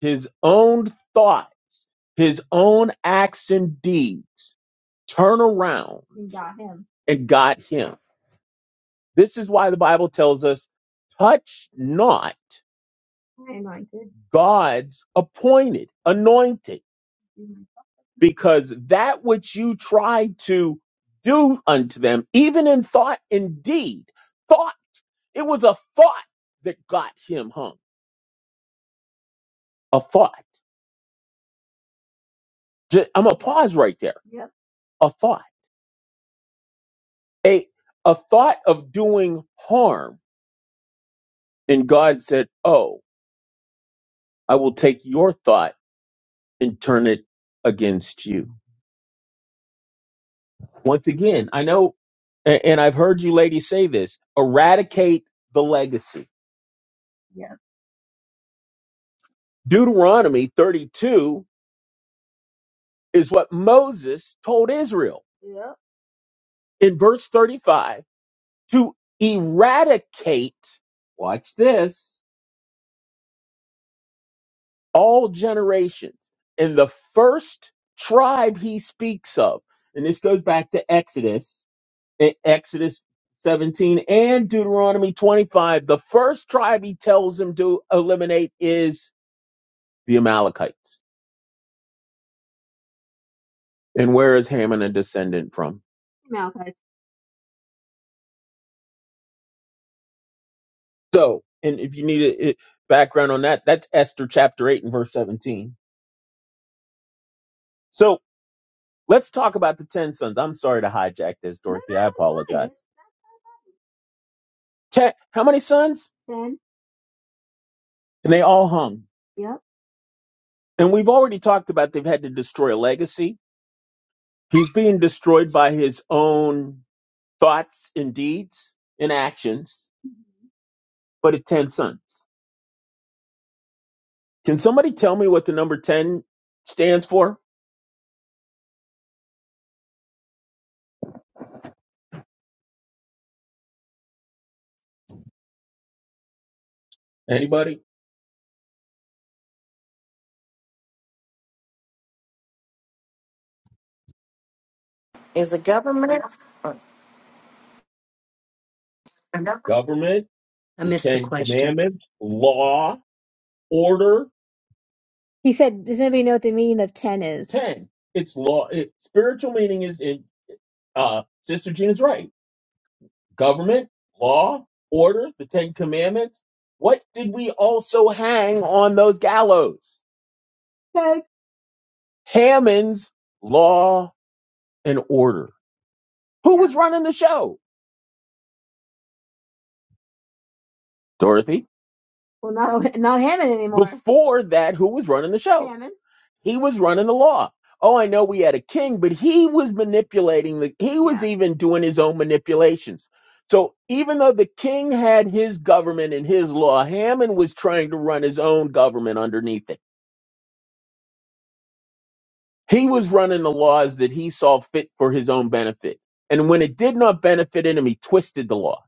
Speaker 5: his own thought, his own acts and deeds turn around and got him. and got him. This is why the Bible tells us, touch not I anointed. God's appointed, anointed. because that which you try to do unto them, even in thought and deed, thought, it was a thought that got him hung. A thought. Ju- I'm going to pause right there. Yep. A thought. A, a thought of doing harm. And God said, Oh, I will take your thought and turn it against you. Once again, I know, a- and I've heard you ladies say this eradicate the legacy. Yeah. Deuteronomy 32 is what Moses told Israel Yeah. in verse 35 to eradicate, watch this, all generations. And the first tribe he speaks of, and this goes back to Exodus, in Exodus 17 and Deuteronomy 25, the first tribe he tells him to eliminate is the Amalekites. And where is Ham a descendant from? So, and if you need a, a background on that, that's Esther chapter 8 and verse 17. So let's talk about the 10 sons. I'm sorry to hijack this, Dorothy. I apologize. Ten, how many sons? 10. And they all hung. Yep. And we've already talked about they've had to destroy a legacy. He's being destroyed by his own thoughts and deeds and actions, but it's 10 sons. Can somebody tell me what the number 10 stands for? Anybody?
Speaker 1: Is the government uh,
Speaker 6: another
Speaker 5: Government?
Speaker 6: I
Speaker 5: The
Speaker 6: missed the
Speaker 5: Ten
Speaker 6: question.
Speaker 5: Commandments, law, order, He said, does anybody know what the meaning of 10 is? ten. It's law. It, spiritual meaning is in. Uh, Sister Gina's right. Government, law, order, the Ten Commandments. What did we also hang on those gallows? Okay. Hammond's law and order. Who was running the show? Dorothy. Well, not not Hammond anymore. Before that, who was running the show? Hammond. He was running the law. Oh, I know we had a king, but he was manipulating the, he was Yeah. even doing his own manipulations. So even though the king had his government and his law, Hammond was trying to run his own government underneath it. He was running the laws that he saw fit for his own benefit. And when it did not benefit him, he twisted the law.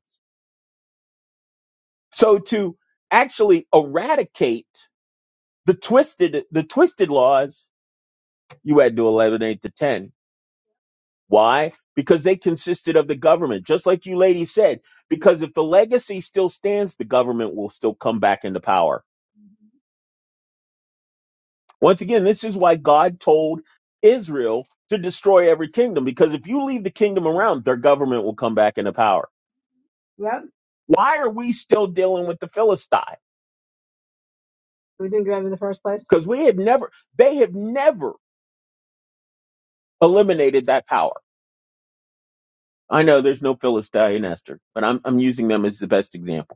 Speaker 5: So to actually eradicate the twisted, the twisted laws You had to eliminate the 10. Why? Because they consisted of the government, just like you ladies said. Because if the legacy still stands, the government will still come back into power. Once again, this is why God told Israel to destroy every kingdom, because if you leave the kingdom around, their government will come back into power. Yep. Why are we still dealing with the Philistines? We didn't grab in the first place. because we have never, they have never eliminated that power. I know there's no Philistine in Esther, but I'm, I'm using them as the best example.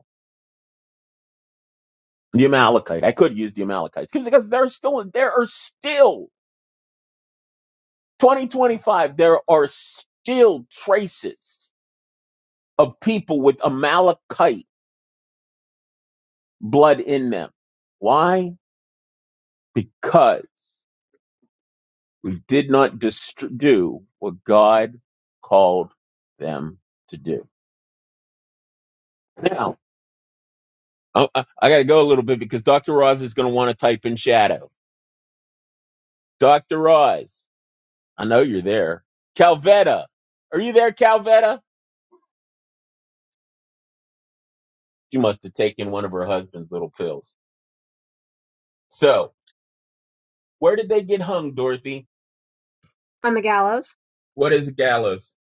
Speaker 5: The Amalekite. I could use the Amalekites because there are still there are still 2025 there are still traces of people with Amalekite blood in them. Why? Because they did not dist- do what God called them to do. Now I, I I got to go a little bit because Dr. Roz is going to want to type in shadow. Dr. Roz, I know you're there. Calvetta, are you there, Calvetta? She must have taken one of her husband's little pills. So, where did they get hung, Dorothy? On the gallows, What is a gallows?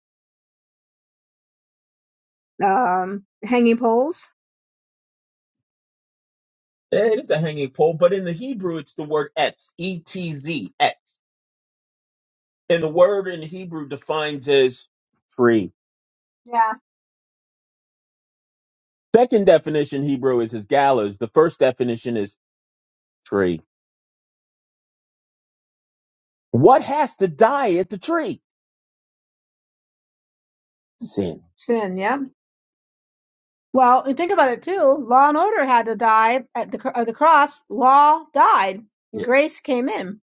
Speaker 5: um, hanging poles. Eh, It is a hanging pole, but in the Hebrew, it's the word etz, E T Z, etz. And the word in Hebrew defines as tree. Yeah. Second definition Hebrew is as gallows. The first definition is tree. What has to die at the tree? Sin. Sin. yeah. Well, and think about it too. Law and Order had to die at the cr- of the cross. Law died, Yeah. grace came in.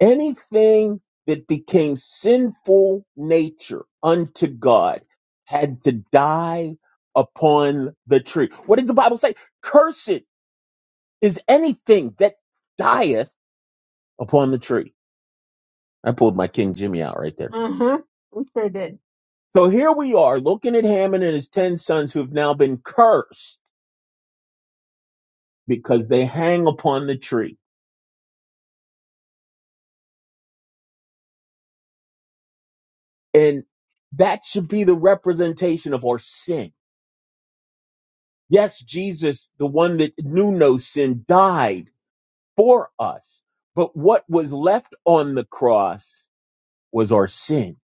Speaker 5: Anything that became sinful nature unto God had to die upon the tree. What did the Bible say? Cursed is anything that dieth upon the tree. I pulled my King Jimmy out right there. Uh huh. We sure did. So here we are looking at Haman and his 10 sons who've now been cursed. because they hang upon the tree. And that should be the representation of our sin. Yes, Jesus, the one that knew no sin, died for us. But what was left on the cross was our sin.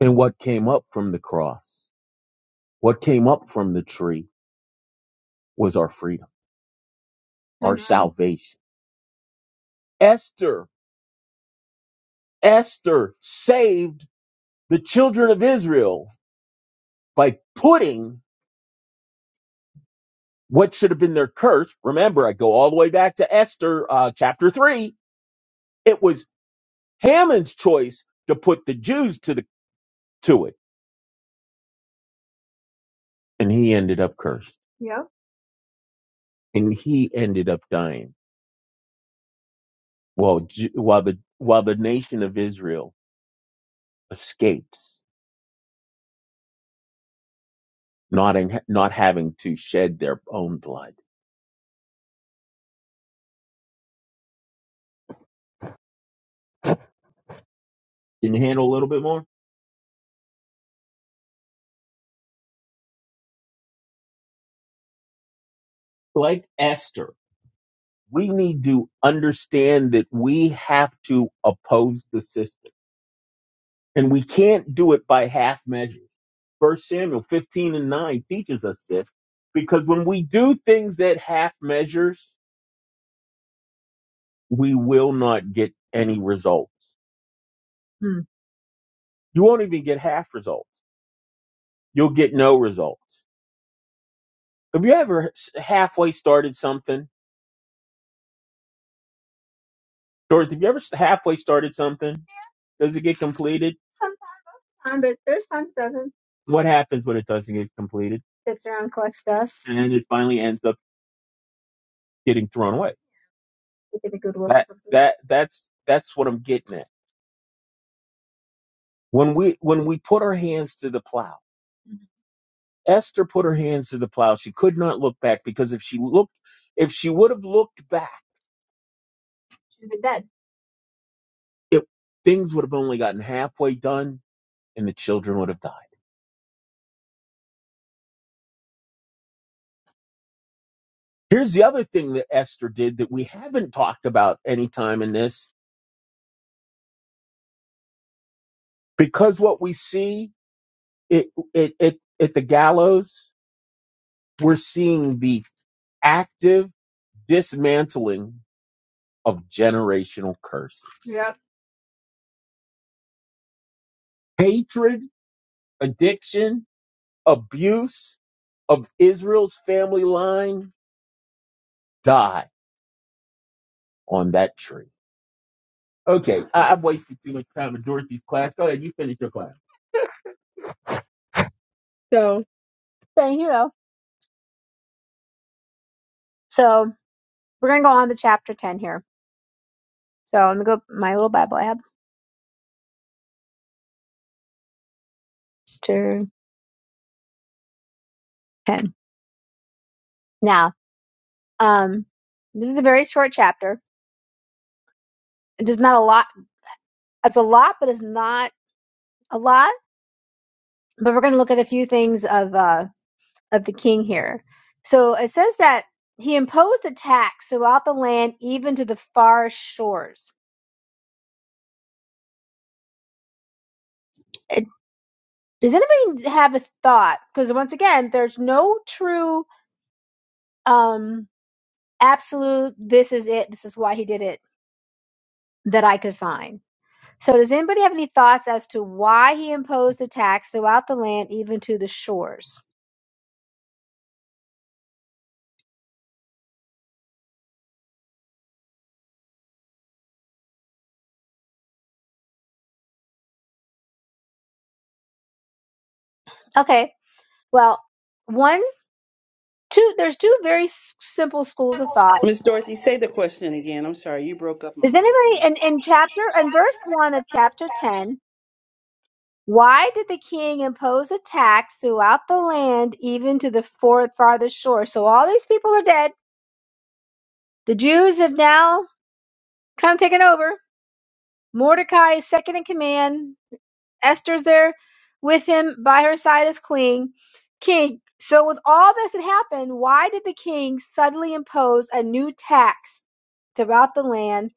Speaker 5: And what came up from the cross, what came up from the tree was our freedom, our Amen. salvation. Esther, Esther saved the children of Israel by putting What should have been their curse? Remember, I go all the way back to Esther, uh, chapter three. It was Haman's choice to put the Jews to the, to it. And he ended up cursed Yeah, and he ended up dying while, Ju- while the, while the nation of Israel escapes not, in, not having to shed their own blood. Can you handle a little bit more? Like Esther, we need to understand that we have to oppose the system And we can't do it by half measures. First Samuel 15 and 9 teaches us this because when we do things that half measures, we will not get any results. Hmm. You won't even get half results. You'll get no results. Have you ever s- halfway started something? Dorothy, have you ever s- halfway started something? Does it get completed? Sometimes, but there's times it doesn't. What happens when it doesn't get completed? Sits around, collects dust. And it finally ends up getting thrown away Making a good work That of the that that's that's what I'm getting at. When we when we put our hands to the plow, Mhm. Esther put her hands to the plow. She could not look back because if she looked if she would have looked back, she'd been dead. it, things would have only gotten halfway done and the children would have died. Here's the other thing that Esther did that we haven't talked about any time in this, because what we see it, it, it, at the gallows, we're seeing the active dismantling of generational curses Yep. hatred, addiction, abuse of Israel's family line die on that tree. Okay, I- I've wasted too much time in Dorothy's class. Go ahead, you finish your class. So, thank you So we're gonna go on to chapter ten here. So I'm gonna go my little Bible app, chapter ten. Now, um, this is a very short chapter. It does not a lot. It's a lot, but it's not a lot. But we're gonna look at a few things of. uh. of the king here. So it says that he imposed a tax throughout the land, even to the far shores. It- Does anybody have a thought? Because once again, there's no true, um, absolute, this is it, this is why he did it that I could find. So does anybody have any thoughts as to why he imposed the tax throughout the land, even to the shores? Okay. Well, one, two, there's two very s- simple schools of thought
Speaker 3: Miss Dorothy, say the question again. I'm sorry, you broke up my
Speaker 5: Does
Speaker 3: mind for me.
Speaker 5: anybody in, in chapter and verse one of chapter ten? Why did the king impose a tax throughout the land, even to the fourth farthest shore? So all these people are dead. The Jews have now kind of taken over. Mordecai is second in command. Esther's there with him by her side as queen, king. So with all this that happened, why did the king suddenly impose a new tax throughout the land,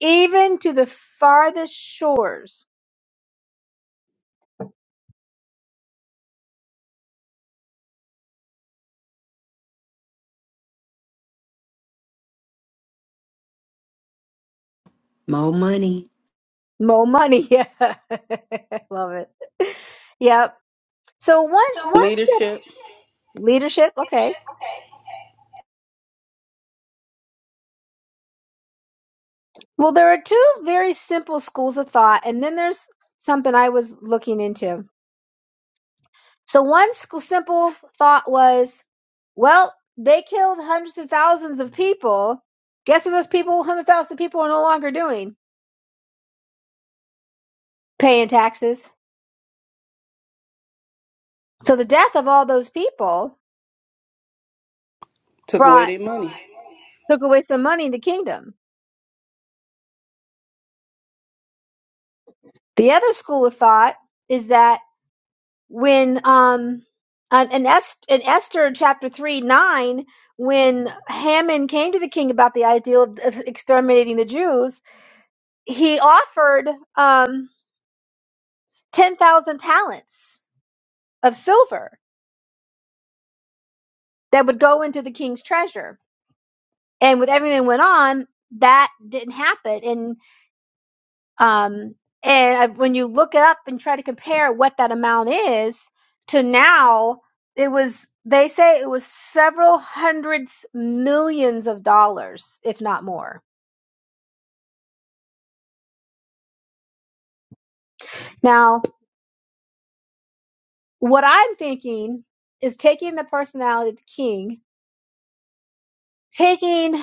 Speaker 5: even to the farthest shores?
Speaker 6: More money,
Speaker 5: Mo money. Yeah. Love it. Yep. So one one
Speaker 3: Leadership
Speaker 5: leadership, okay. Well, there are two very simple schools of thought and then there's something I was looking into. So one school simple thought was, well, they killed hundreds of thousands of people. Guess what those people, 100,000 people are no longer doing? Paying taxes. So the death of all those people
Speaker 3: took away
Speaker 5: brought
Speaker 3: their money.
Speaker 5: took away some money in the kingdom. The other school of thought is that when um and and Est- in Esther chapter 3 9 when Haman came to the king about the idea of, of exterminating the Jews he offered um 10,000 talents of silver that would go into the king's treasure and with everything that went on that didn't happen and. Um, and I, when you look it up and try to compare what that amount is to now, it was, they say it was several hundreds, millions of dollars, if not more. Now, what I'm thinking is taking the personality of the king, taking,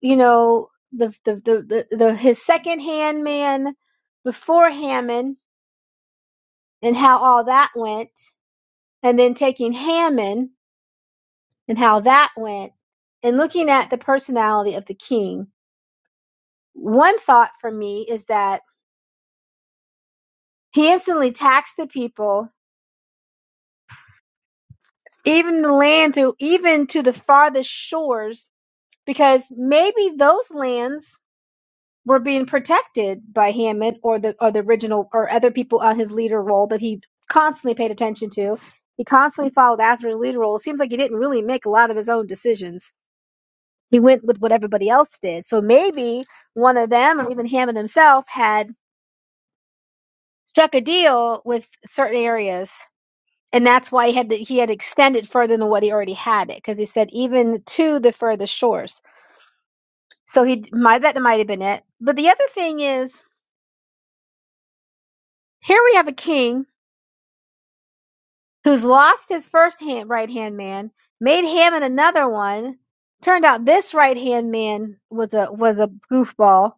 Speaker 5: you know, the, the, the, the, the his second hand man before Hammond and how all that went, and then taking Hammond and how that went. And looking at the personality of the king, one thought for me is that he instantly taxed the people, even the land through, even to the farthest shores, because maybe those lands were being protected by Hammond or the or the original or other people on his leader role that he constantly paid attention to. He constantly followed after his leader role. It seems like he didn't really make a lot of his own decisions He went with what everybody else did. So maybe one of them, or even Hammond himself, had struck a deal with certain areas, and that's why he had to, he had extended further than what he already had it, because he said even to the furthest shores. So he might that might have been it. But the other thing is, here we have a king who's lost his first hand right hand man, made Hammond another one. Turned out this right hand man was a was a goofball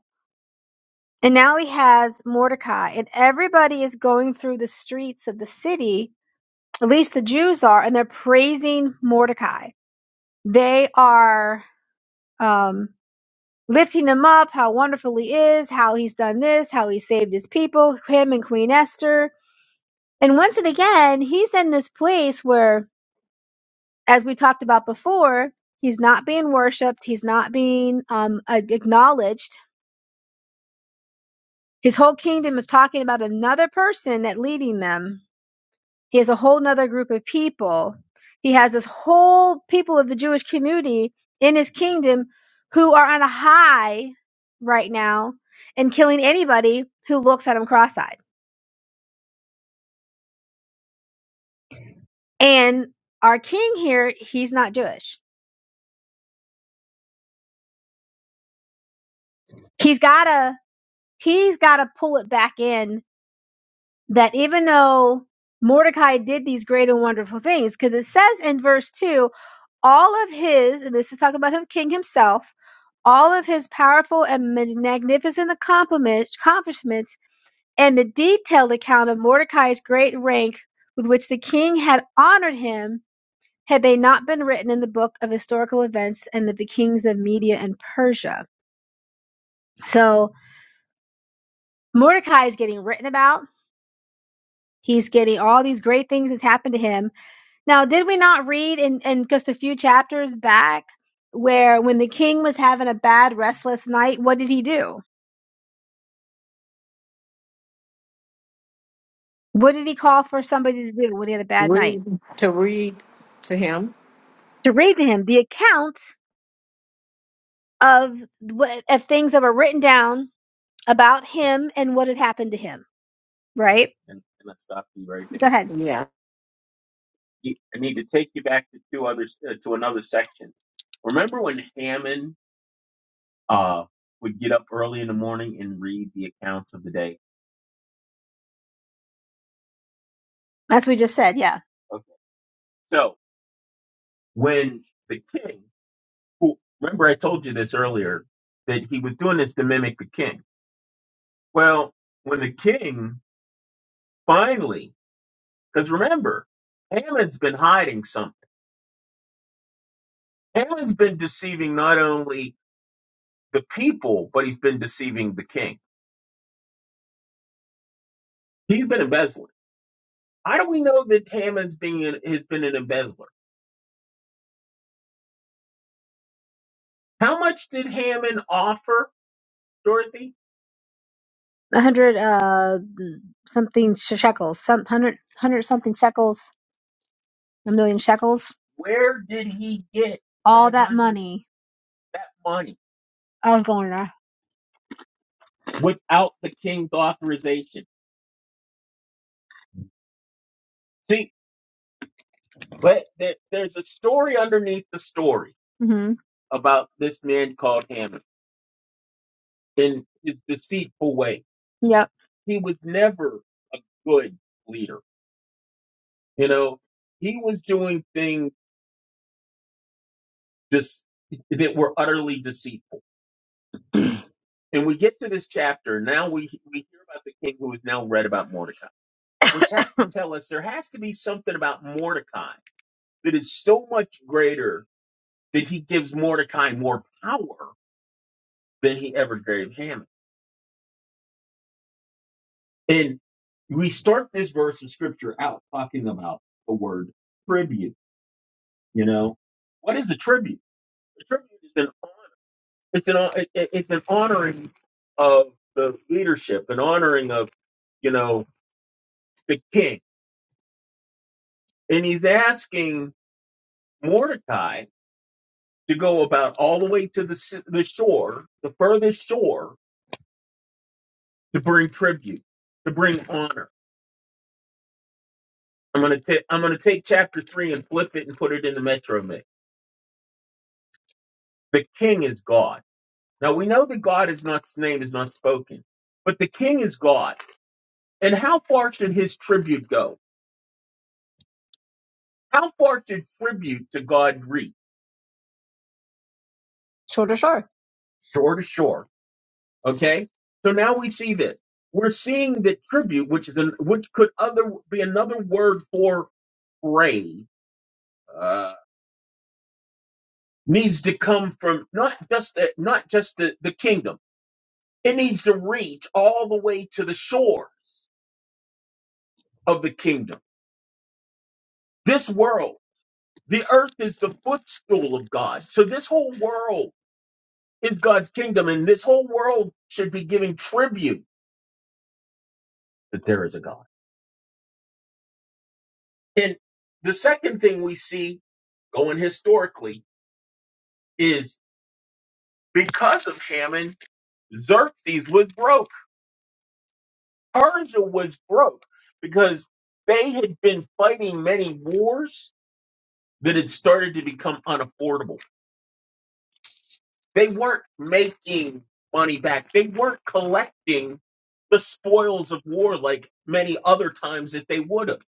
Speaker 5: And now he has Mordecai, and everybody is going through the streets of the city, at least the Jews are, and they're praising Mordecai. They are um, lifting him up, how wonderful he is, how he's done this, how he saved his people, him and Queen Esther. And once and again, he's in this place where, as we talked about before, he's not being worshipped, he's not being um, a- acknowledged. His whole kingdom is talking about another person that leading them He has a whole nother group of people. He has this whole people of the Jewish community in his kingdom who are on a high right now and killing anybody who looks at him cross-eyed. And our king here, he's not Jewish. He's gotta, he's gotta pull it back in that even though Mordecai did these great and wonderful things, because it says in verse 2, all of his, and this is talking about him, king himself, all of his powerful and magnificent accomplishment- accomplishments and the detailed account of Mordecai's great rank with which the king had honored him had they not been written in the book of historical events and of the kings of Media and Persia. So Mordecai is getting written about. He's getting all these great things that's happened to him Now, did we not read in, in just a few chapters back where when the king was having a bad, restless night, what did he do? What did he call for somebody to do when he had a bad night?
Speaker 1: read, to read to him?
Speaker 5: To read to him the account of of things that were written down about him and what had happened to him. Right? And, and I'll stop you right there. Go ahead.
Speaker 1: Yeah.
Speaker 5: I need to take you back to two others uh, to another section. Remember when Haman uh, would get up early in the morning and read the accounts of the day? That's what we just said. Yeah. Okay. So when the king, who remember I told you this earlier, that he was doing this to mimic the king. Well, when the king finally, because remember, Haman's been hiding something. Haman's been deceiving not only the people, but he's been deceiving the king. He's been embezzling. How do we know that Haman's being has been an embezzler? How much did Haman offer, Dorothy? a hundred uh something sh- shekels, some hundred hundred something shekels, a million shekels. Where did he get All that that hundred money. that money I was going to without the king's authorization? See, but there, there's a story underneath the story hmm about this man called Haman in his deceitful way. Yep. He was never a good leader. You know, he was doing things dis- that were utterly deceitful. And we get to this chapter. Now we, we hear about the king who has now read about Mordecai, which has to tell us there has to be something about Mordecai that is so much greater that he gives Mordecai more power than he ever gave Haman. And we start this verse of scripture out talking about the word tribute. You know, what is a tribute? A tribute is an honor. It's an, it, it- it's an honoring of the leadership, an honoring of, you know, the king and he's asking Mordecai to go about all the way to the the shore, the furthest shore, to bring tribute, to bring honor. I'm gonna I'm gonna take chapter three and flip it and put it in the Metro Mix. The king is God. Now we know that God is not his name is not spoken, but the king is God. And how far should his tribute go? How far should tribute to God reach? Shore to shore Okay, so now we see this. We're seeing that tribute, which is an, which could other be another word for praise, uh, needs to come from not just the, not just the, the kingdom. It needs to reach all the way to the shores of the kingdom. This world, the earth is the footstool of God. So this whole world is God's kingdom, and this whole world should be giving tribute that there is a God. And the second thing we see going historically is because of Haman, Xerxes was broke. Persia was broke because they had been fighting many wars that had started to become unaffordable. They weren't making money back, they weren't collecting the spoils of war like many other times that they would have,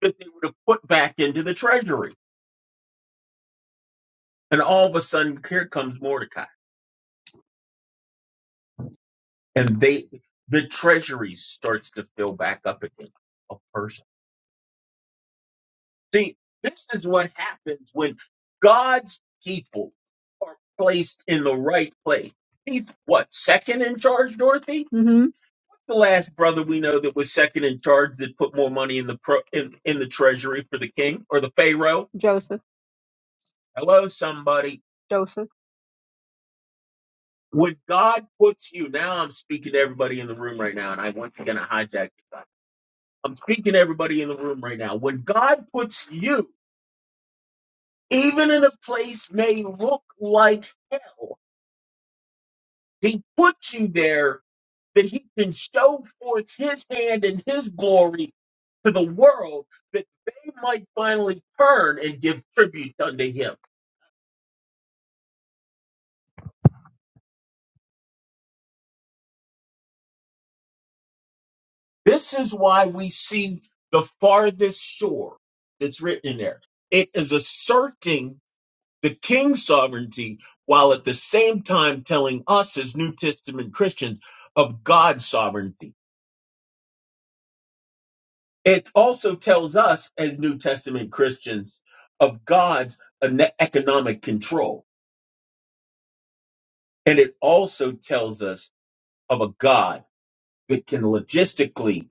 Speaker 5: that they would have put back into the treasury. And all of a sudden, here comes Mordecai, and they the treasury starts to fill back up again. of Persia. See, this is what happens when God's people are placed in the right place. He's what, second in charge, Dorothy? hmm the last brother we know that was second in charge that put more money in the pro, in, in the treasury for the king or the pharaoh? Joseph, Hello, somebody. Joseph. When God puts you, now I'm speaking to everybody in the room right now, and I once again I hijacked. you. I'm speaking to everybody in the room right now. When God puts you even in a place may look like hell, he puts you there that he can show forth his hand and his glory to the world that they might finally turn and give tribute unto him. This is why we see the farthest shore that's written in there. It is asserting the king's sovereignty while at the same time telling us as New Testament Christians of God's sovereignty It also tells us, as New Testament Christians, of God's ene- economic control. And it also tells us of a God that can logistically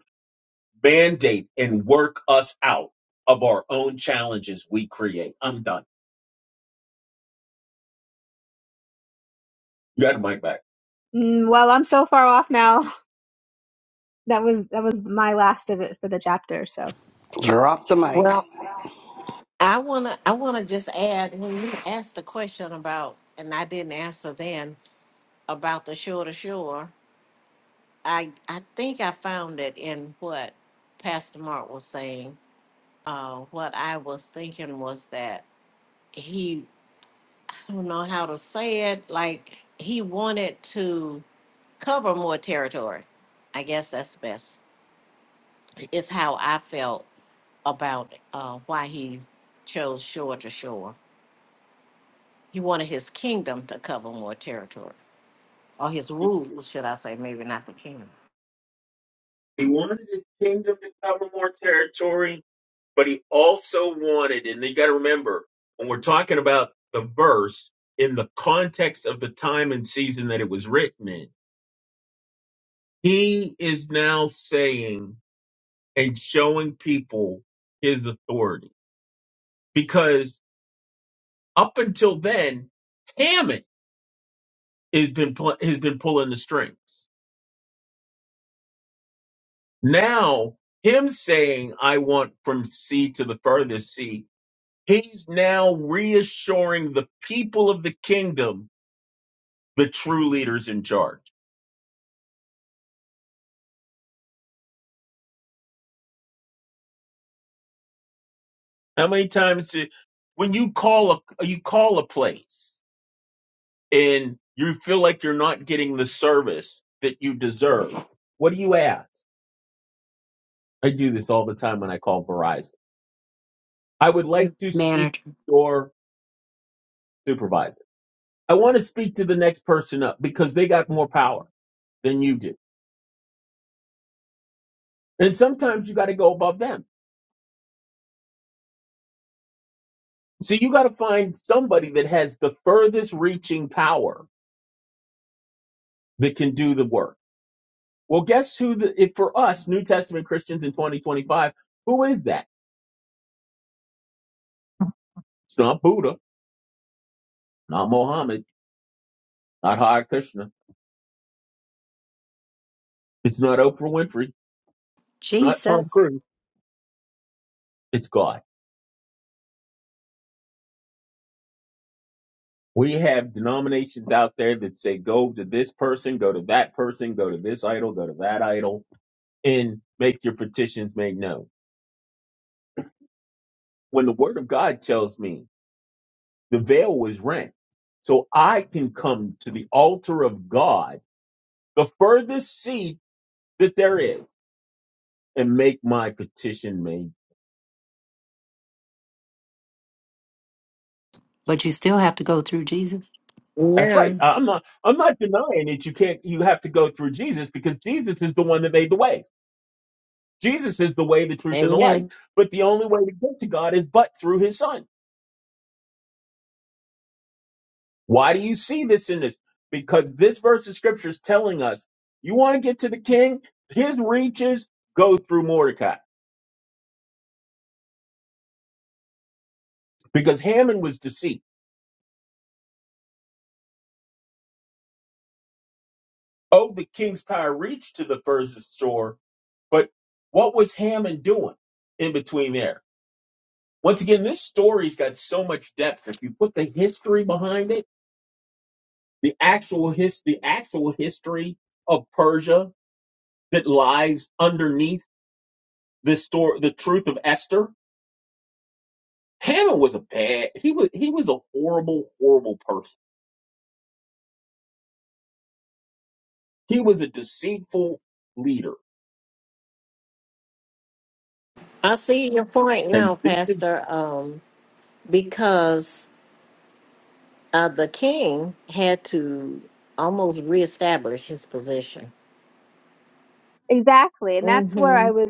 Speaker 5: mandate and work us out of our own challenges we create. I'm done. You got the mic back. Mm, well, I'm so far off now. That was that was my last of it for the chapter. So
Speaker 3: Drop the mic.
Speaker 1: Well, I wanna, I wanna just add when you asked the question about, and I didn't answer then about the shore to shore. I I think I found it in what Pastor Mark was saying. Uh, what I was thinking was that he I don't know how to say it. Like he wanted to cover more territory. I guess that's best. It's how I felt about uh, why he chose shore to shore. He wanted his kingdom to cover more territory, or his rule, should I say? Maybe not the kingdom.
Speaker 5: He wanted his kingdom to cover more territory. but he also wanted, and you got to remember when we're talking about the verse in the context of the time and season that it was written in, he is now saying and showing people his authority because up until then, Hammett has been pl- has been pulling the strings. Now him saying, "I want from sea to the furthest sea." He's now reassuring the people of the kingdom the true leaders in charge. How many times did, when you call a you call a place and you feel like you're not getting the service that you deserve? What do you ask? I do this all the time when I call Verizon. I would like to speak
Speaker 6: manager,
Speaker 5: to your supervisor. I want to speak to the next person up because they got more power than you do. And sometimes you got to go above them. So you got to find somebody that has the furthest reaching power that can do the work Well, guess who the, if for us, New Testament Christians in 2025, who is that? It's not Buddha, not Mohammed, not Hare Krishna. It's not Oprah Winfrey. It's not Tom
Speaker 6: Jesus.
Speaker 5: Cruise. It's God. We have denominations out there that say go to this person, go to that person, go to this idol, go to that idol, and make your petitions made known. When the word of God tells me the veil was rent, so I can come to the altar of God, the furthest seat that there is and make my petition made.
Speaker 6: But you still have to go through Jesus.
Speaker 5: That's right.
Speaker 1: Amen.
Speaker 5: I- I'm not I'm not denying it. You can't you have to go through Jesus because Jesus is the one that made the way. Jesus is the way, the truth, and the
Speaker 1: Amen.
Speaker 5: light. But the only way to get to God is but through his son. Why do you see this in this? Because this verse of scripture is telling us you want to get to the king, his reaches go through Mordecai. Because Haman was deceived. Oh, the king's power reached to the furthest shore, but what was Haman doing in between there? Once again, this story's got so much depth. If you put the history behind it, the actual his the actual history of Persia that lies underneath the story, the truth of Esther. Haman was a bad. He was he was a horrible, horrible person. He was a deceitful leader,
Speaker 1: I see your point
Speaker 5: and
Speaker 1: now,
Speaker 5: this is
Speaker 1: Pastor, um, because uh, the king had to almost reestablish his position.
Speaker 5: Exactly. And that's where I
Speaker 1: Mm-hmm.
Speaker 5: was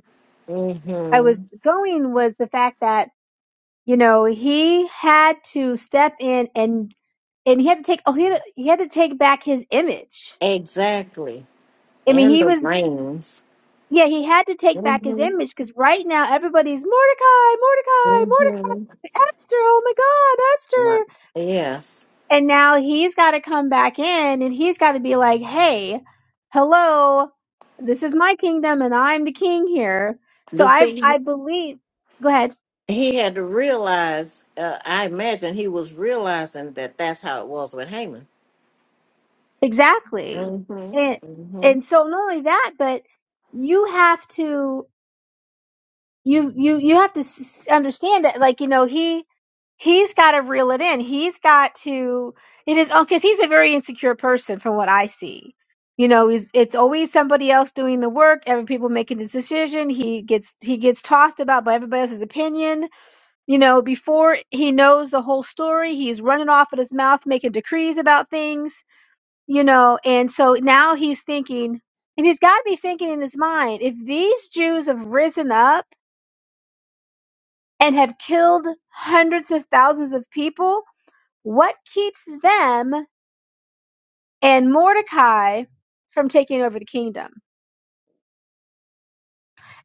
Speaker 5: I was
Speaker 1: Mm-hmm.
Speaker 5: going was the fact that You know, he had to step in and and he had to take oh he had, he had to take back his image.
Speaker 1: Exactly.
Speaker 5: I mean,
Speaker 1: And
Speaker 5: he
Speaker 1: the
Speaker 5: was
Speaker 1: reins.
Speaker 5: yeah, he had to take back his
Speaker 1: Mm-hmm.
Speaker 5: image because right now everybody's Mordecai, Mordecai, Mordecai,
Speaker 1: Mm-hmm.
Speaker 5: Esther, oh my God,
Speaker 1: Right.
Speaker 5: Esther.
Speaker 1: Yes.
Speaker 5: And now he's got to come back in and he's got to be like, hey, hello, this is my kingdom and I'm the king here. So
Speaker 1: But
Speaker 5: I
Speaker 1: see,
Speaker 5: I believe. Go ahead.
Speaker 1: he had to realize, uh, I imagine he was realizing that that's how it was with Haman.
Speaker 5: Exactly.
Speaker 1: Mm-hmm.
Speaker 5: And
Speaker 1: Mm-hmm.
Speaker 5: and so not only that, but you have to you you you have to s- understand that like you know he he's got to reel it in. He's got to it is because he's a very insecure person from what I see. You know, he's, it's always somebody else doing the work. Every people making this decision. He gets he gets tossed about by everybody else's opinion. You know, before he knows the whole story, he's running off at his mouth, making decrees about things you know and so now he's thinking and he's got to be thinking in his mind if these jews have risen up and have killed hundreds of thousands of people what keeps them and mordecai from taking over the kingdom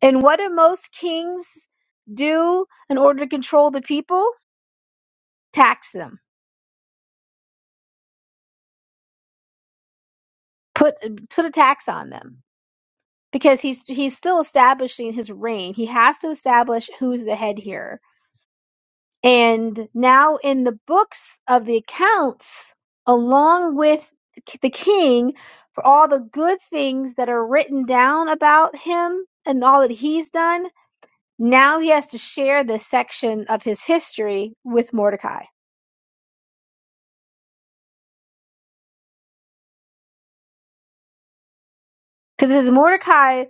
Speaker 5: and what do most kings do in order to control the people tax them put put a tax on them because he's he's still establishing his reign he has to establish who's the head here And now in the books of the accounts, along with the king, for all the good things that are written down about him and all that he's done, now he has to share this section of his history with Mordecai. Because his Mordecai,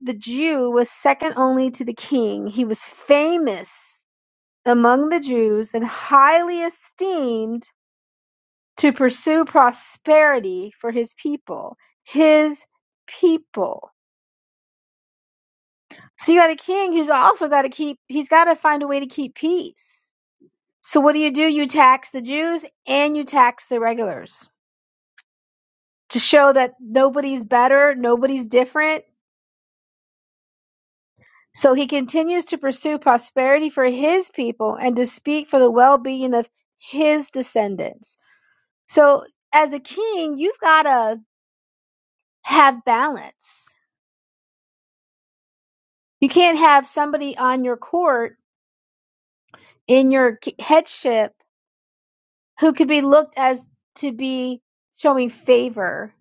Speaker 5: the Jew, was second only to the king. He was famous among the Jews and highly esteemed to pursue prosperity for his people, his people. So you got a king who's also got to keep, he's got to find a way to keep peace. So what do you do? You tax the Jews and you tax the regulars to show that nobody's better, nobody's different. So he continues to pursue prosperity for his people and to speak for the well being of his descendants. So as a king, you've got to have balance You can't have somebody on your court in your k- headship who could be looked as to be showing favor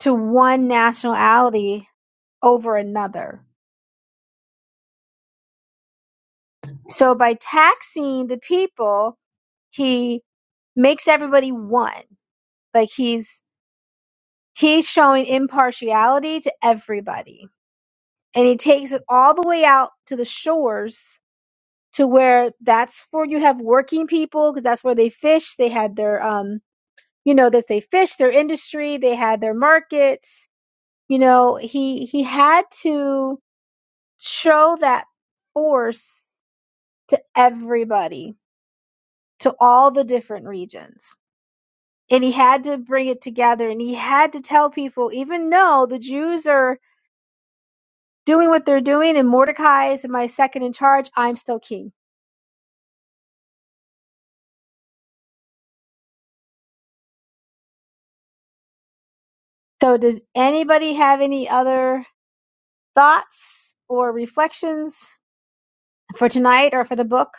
Speaker 5: to one nationality over another. So by taxing the people, he makes everybody one. Like he's he's showing impartiality to everybody. And he takes it all the way out to the shores to where that's where you have working people because that's where they fish. They had their um you know that they fished their industry they had their markets you know he he had to show that force to everybody to all the different regions and he had to bring it together and he had to tell people even though the jews are doing what they're doing and mordecai is my second in charge i'm still king so does anybody have any other thoughts or reflections for tonight or for the book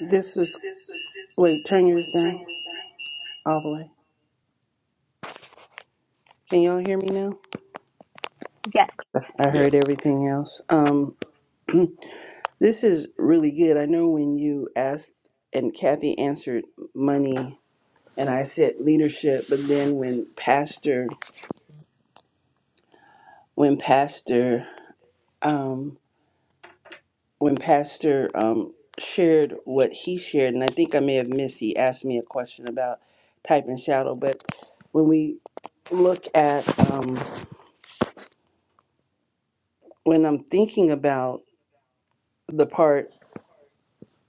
Speaker 3: This is wait, turn yours down all the way. Can y'all hear me now?
Speaker 5: Yes.
Speaker 3: I heard Yes. everything else. Um, this is really good. I know when you asked and Kathy answered money, and I said leadership, but then when Pastor, when Pastor um, when Pastor um, shared what he shared, and I think I may have missed, he asked me a question about type and shadow. But when we look at, um, when I'm thinking about the part,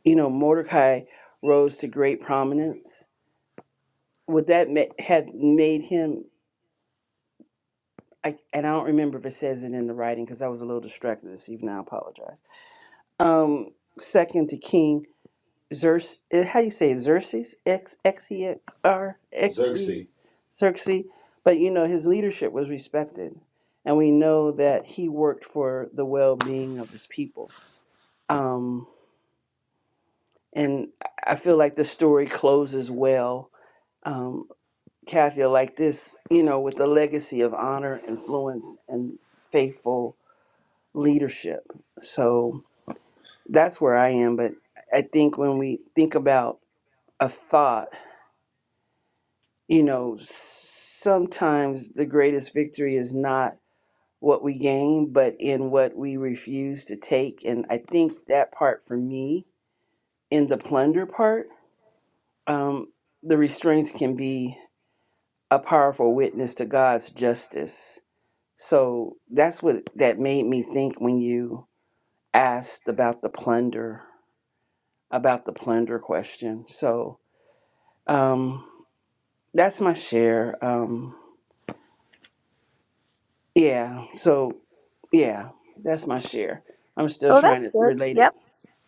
Speaker 3: you know, Mordecai rose to great prominence, would that ma- have made him? I, and I don't remember if it says it in the writing because I was a little distracted this evening. I apologize. Um, second to King, Xerxes, eh, how do you say it? Xerxes? X X E R X E Xerxes. Xerxes. But you know, his leadership was respected, and we know that he worked for the well-being of his people. Um, and I I feel like the story closes well, um, Kathy, like this, you know, with the legacy of honor, influence, and faithful leadership. So that's where I am. But I think when we think about a thought you know, sometimes the greatest victory is not what we gain, but in what we refuse to take. And I think that part for me, in the plunder part, um, the restraints can be a powerful witness to God's justice. So that's what that made me think when you asked about the plunder, about the plunder question. So um, that's my share. Um, Yeah. So yeah, that's my share. I'm still
Speaker 5: Oh, that's
Speaker 3: trying to
Speaker 5: good.
Speaker 3: relate it
Speaker 5: Yep.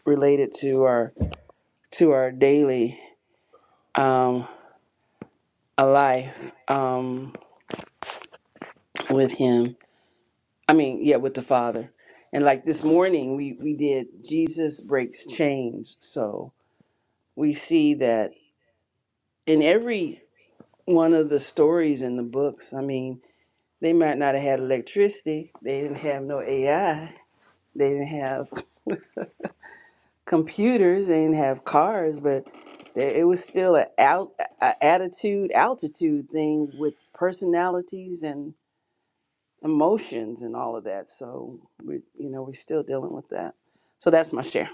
Speaker 3: relate it to our to our daily um a life um with him. I mean, yeah, with the Father. And like this morning we we did Jesus breaks chains. So we see that in every one of the stories in the books, I mean, they might not have had electricity, they didn't have no AI, they didn't have computers and have cars, but there- it was still a, out, a attitude altitude thing with personalities and emotions and all of that. So we, you know, we're still dealing with that. So that's my share.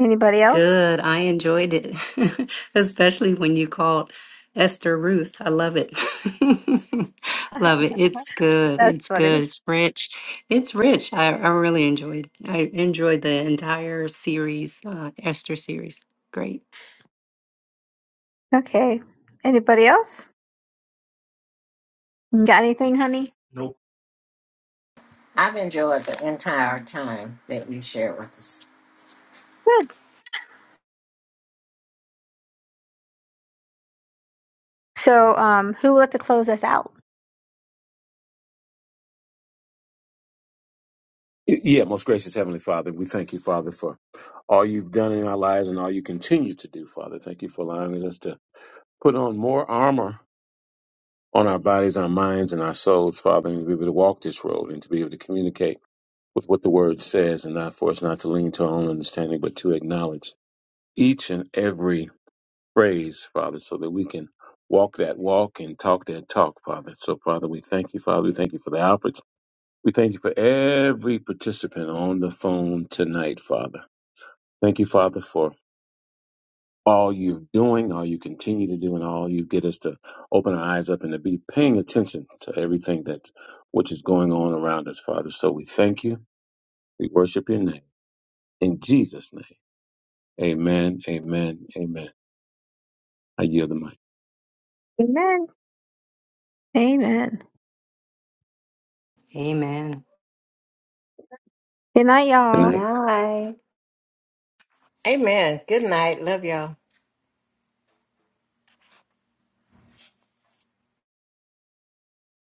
Speaker 5: Anybody
Speaker 6: It's
Speaker 5: else?
Speaker 6: good. I enjoyed it, especially when you called Esther Ruth. I love it. Love it. It's good.
Speaker 5: That's
Speaker 6: It's
Speaker 5: funny.
Speaker 6: good. It's rich. It's rich. I, I really enjoyed it. I enjoyed the entire series, uh, Esther series. Great.
Speaker 5: Okay. Anybody else? You Got anything, honey? Nope.
Speaker 1: I've enjoyed the entire time that you shared with us.
Speaker 5: Good. So, um, who will let to close us out?
Speaker 7: Yeah, most gracious Heavenly Father, we thank you, Father, for all you've done in our lives and all you continue to do, Father. Thank you for allowing us to put on more armor on our bodies, our minds, and our souls, Father, and to be able to walk this road and to be able to communicate with what the Word says, and not for us not to lean to our own understanding, but to acknowledge each and every phrase, Father, so that we can walk that walk and talk that talk, Father. So, Father, we thank you, Father. We thank you for the Alfreds. We thank you for every participant on the phone tonight, Father. Thank you, Father, for all you're doing, all you continue to do, and all you get us to open our eyes up and to be paying attention to everything that which is going on around us, Father. So we thank you. We worship your name. In Jesus' name. Amen. Amen. Amen. I yield the mic.
Speaker 5: Amen. Amen.
Speaker 6: Amen.
Speaker 5: Good night,
Speaker 7: Good
Speaker 6: Good
Speaker 5: y'all.
Speaker 7: night.
Speaker 6: night.
Speaker 1: Amen. Good night. Love y'all.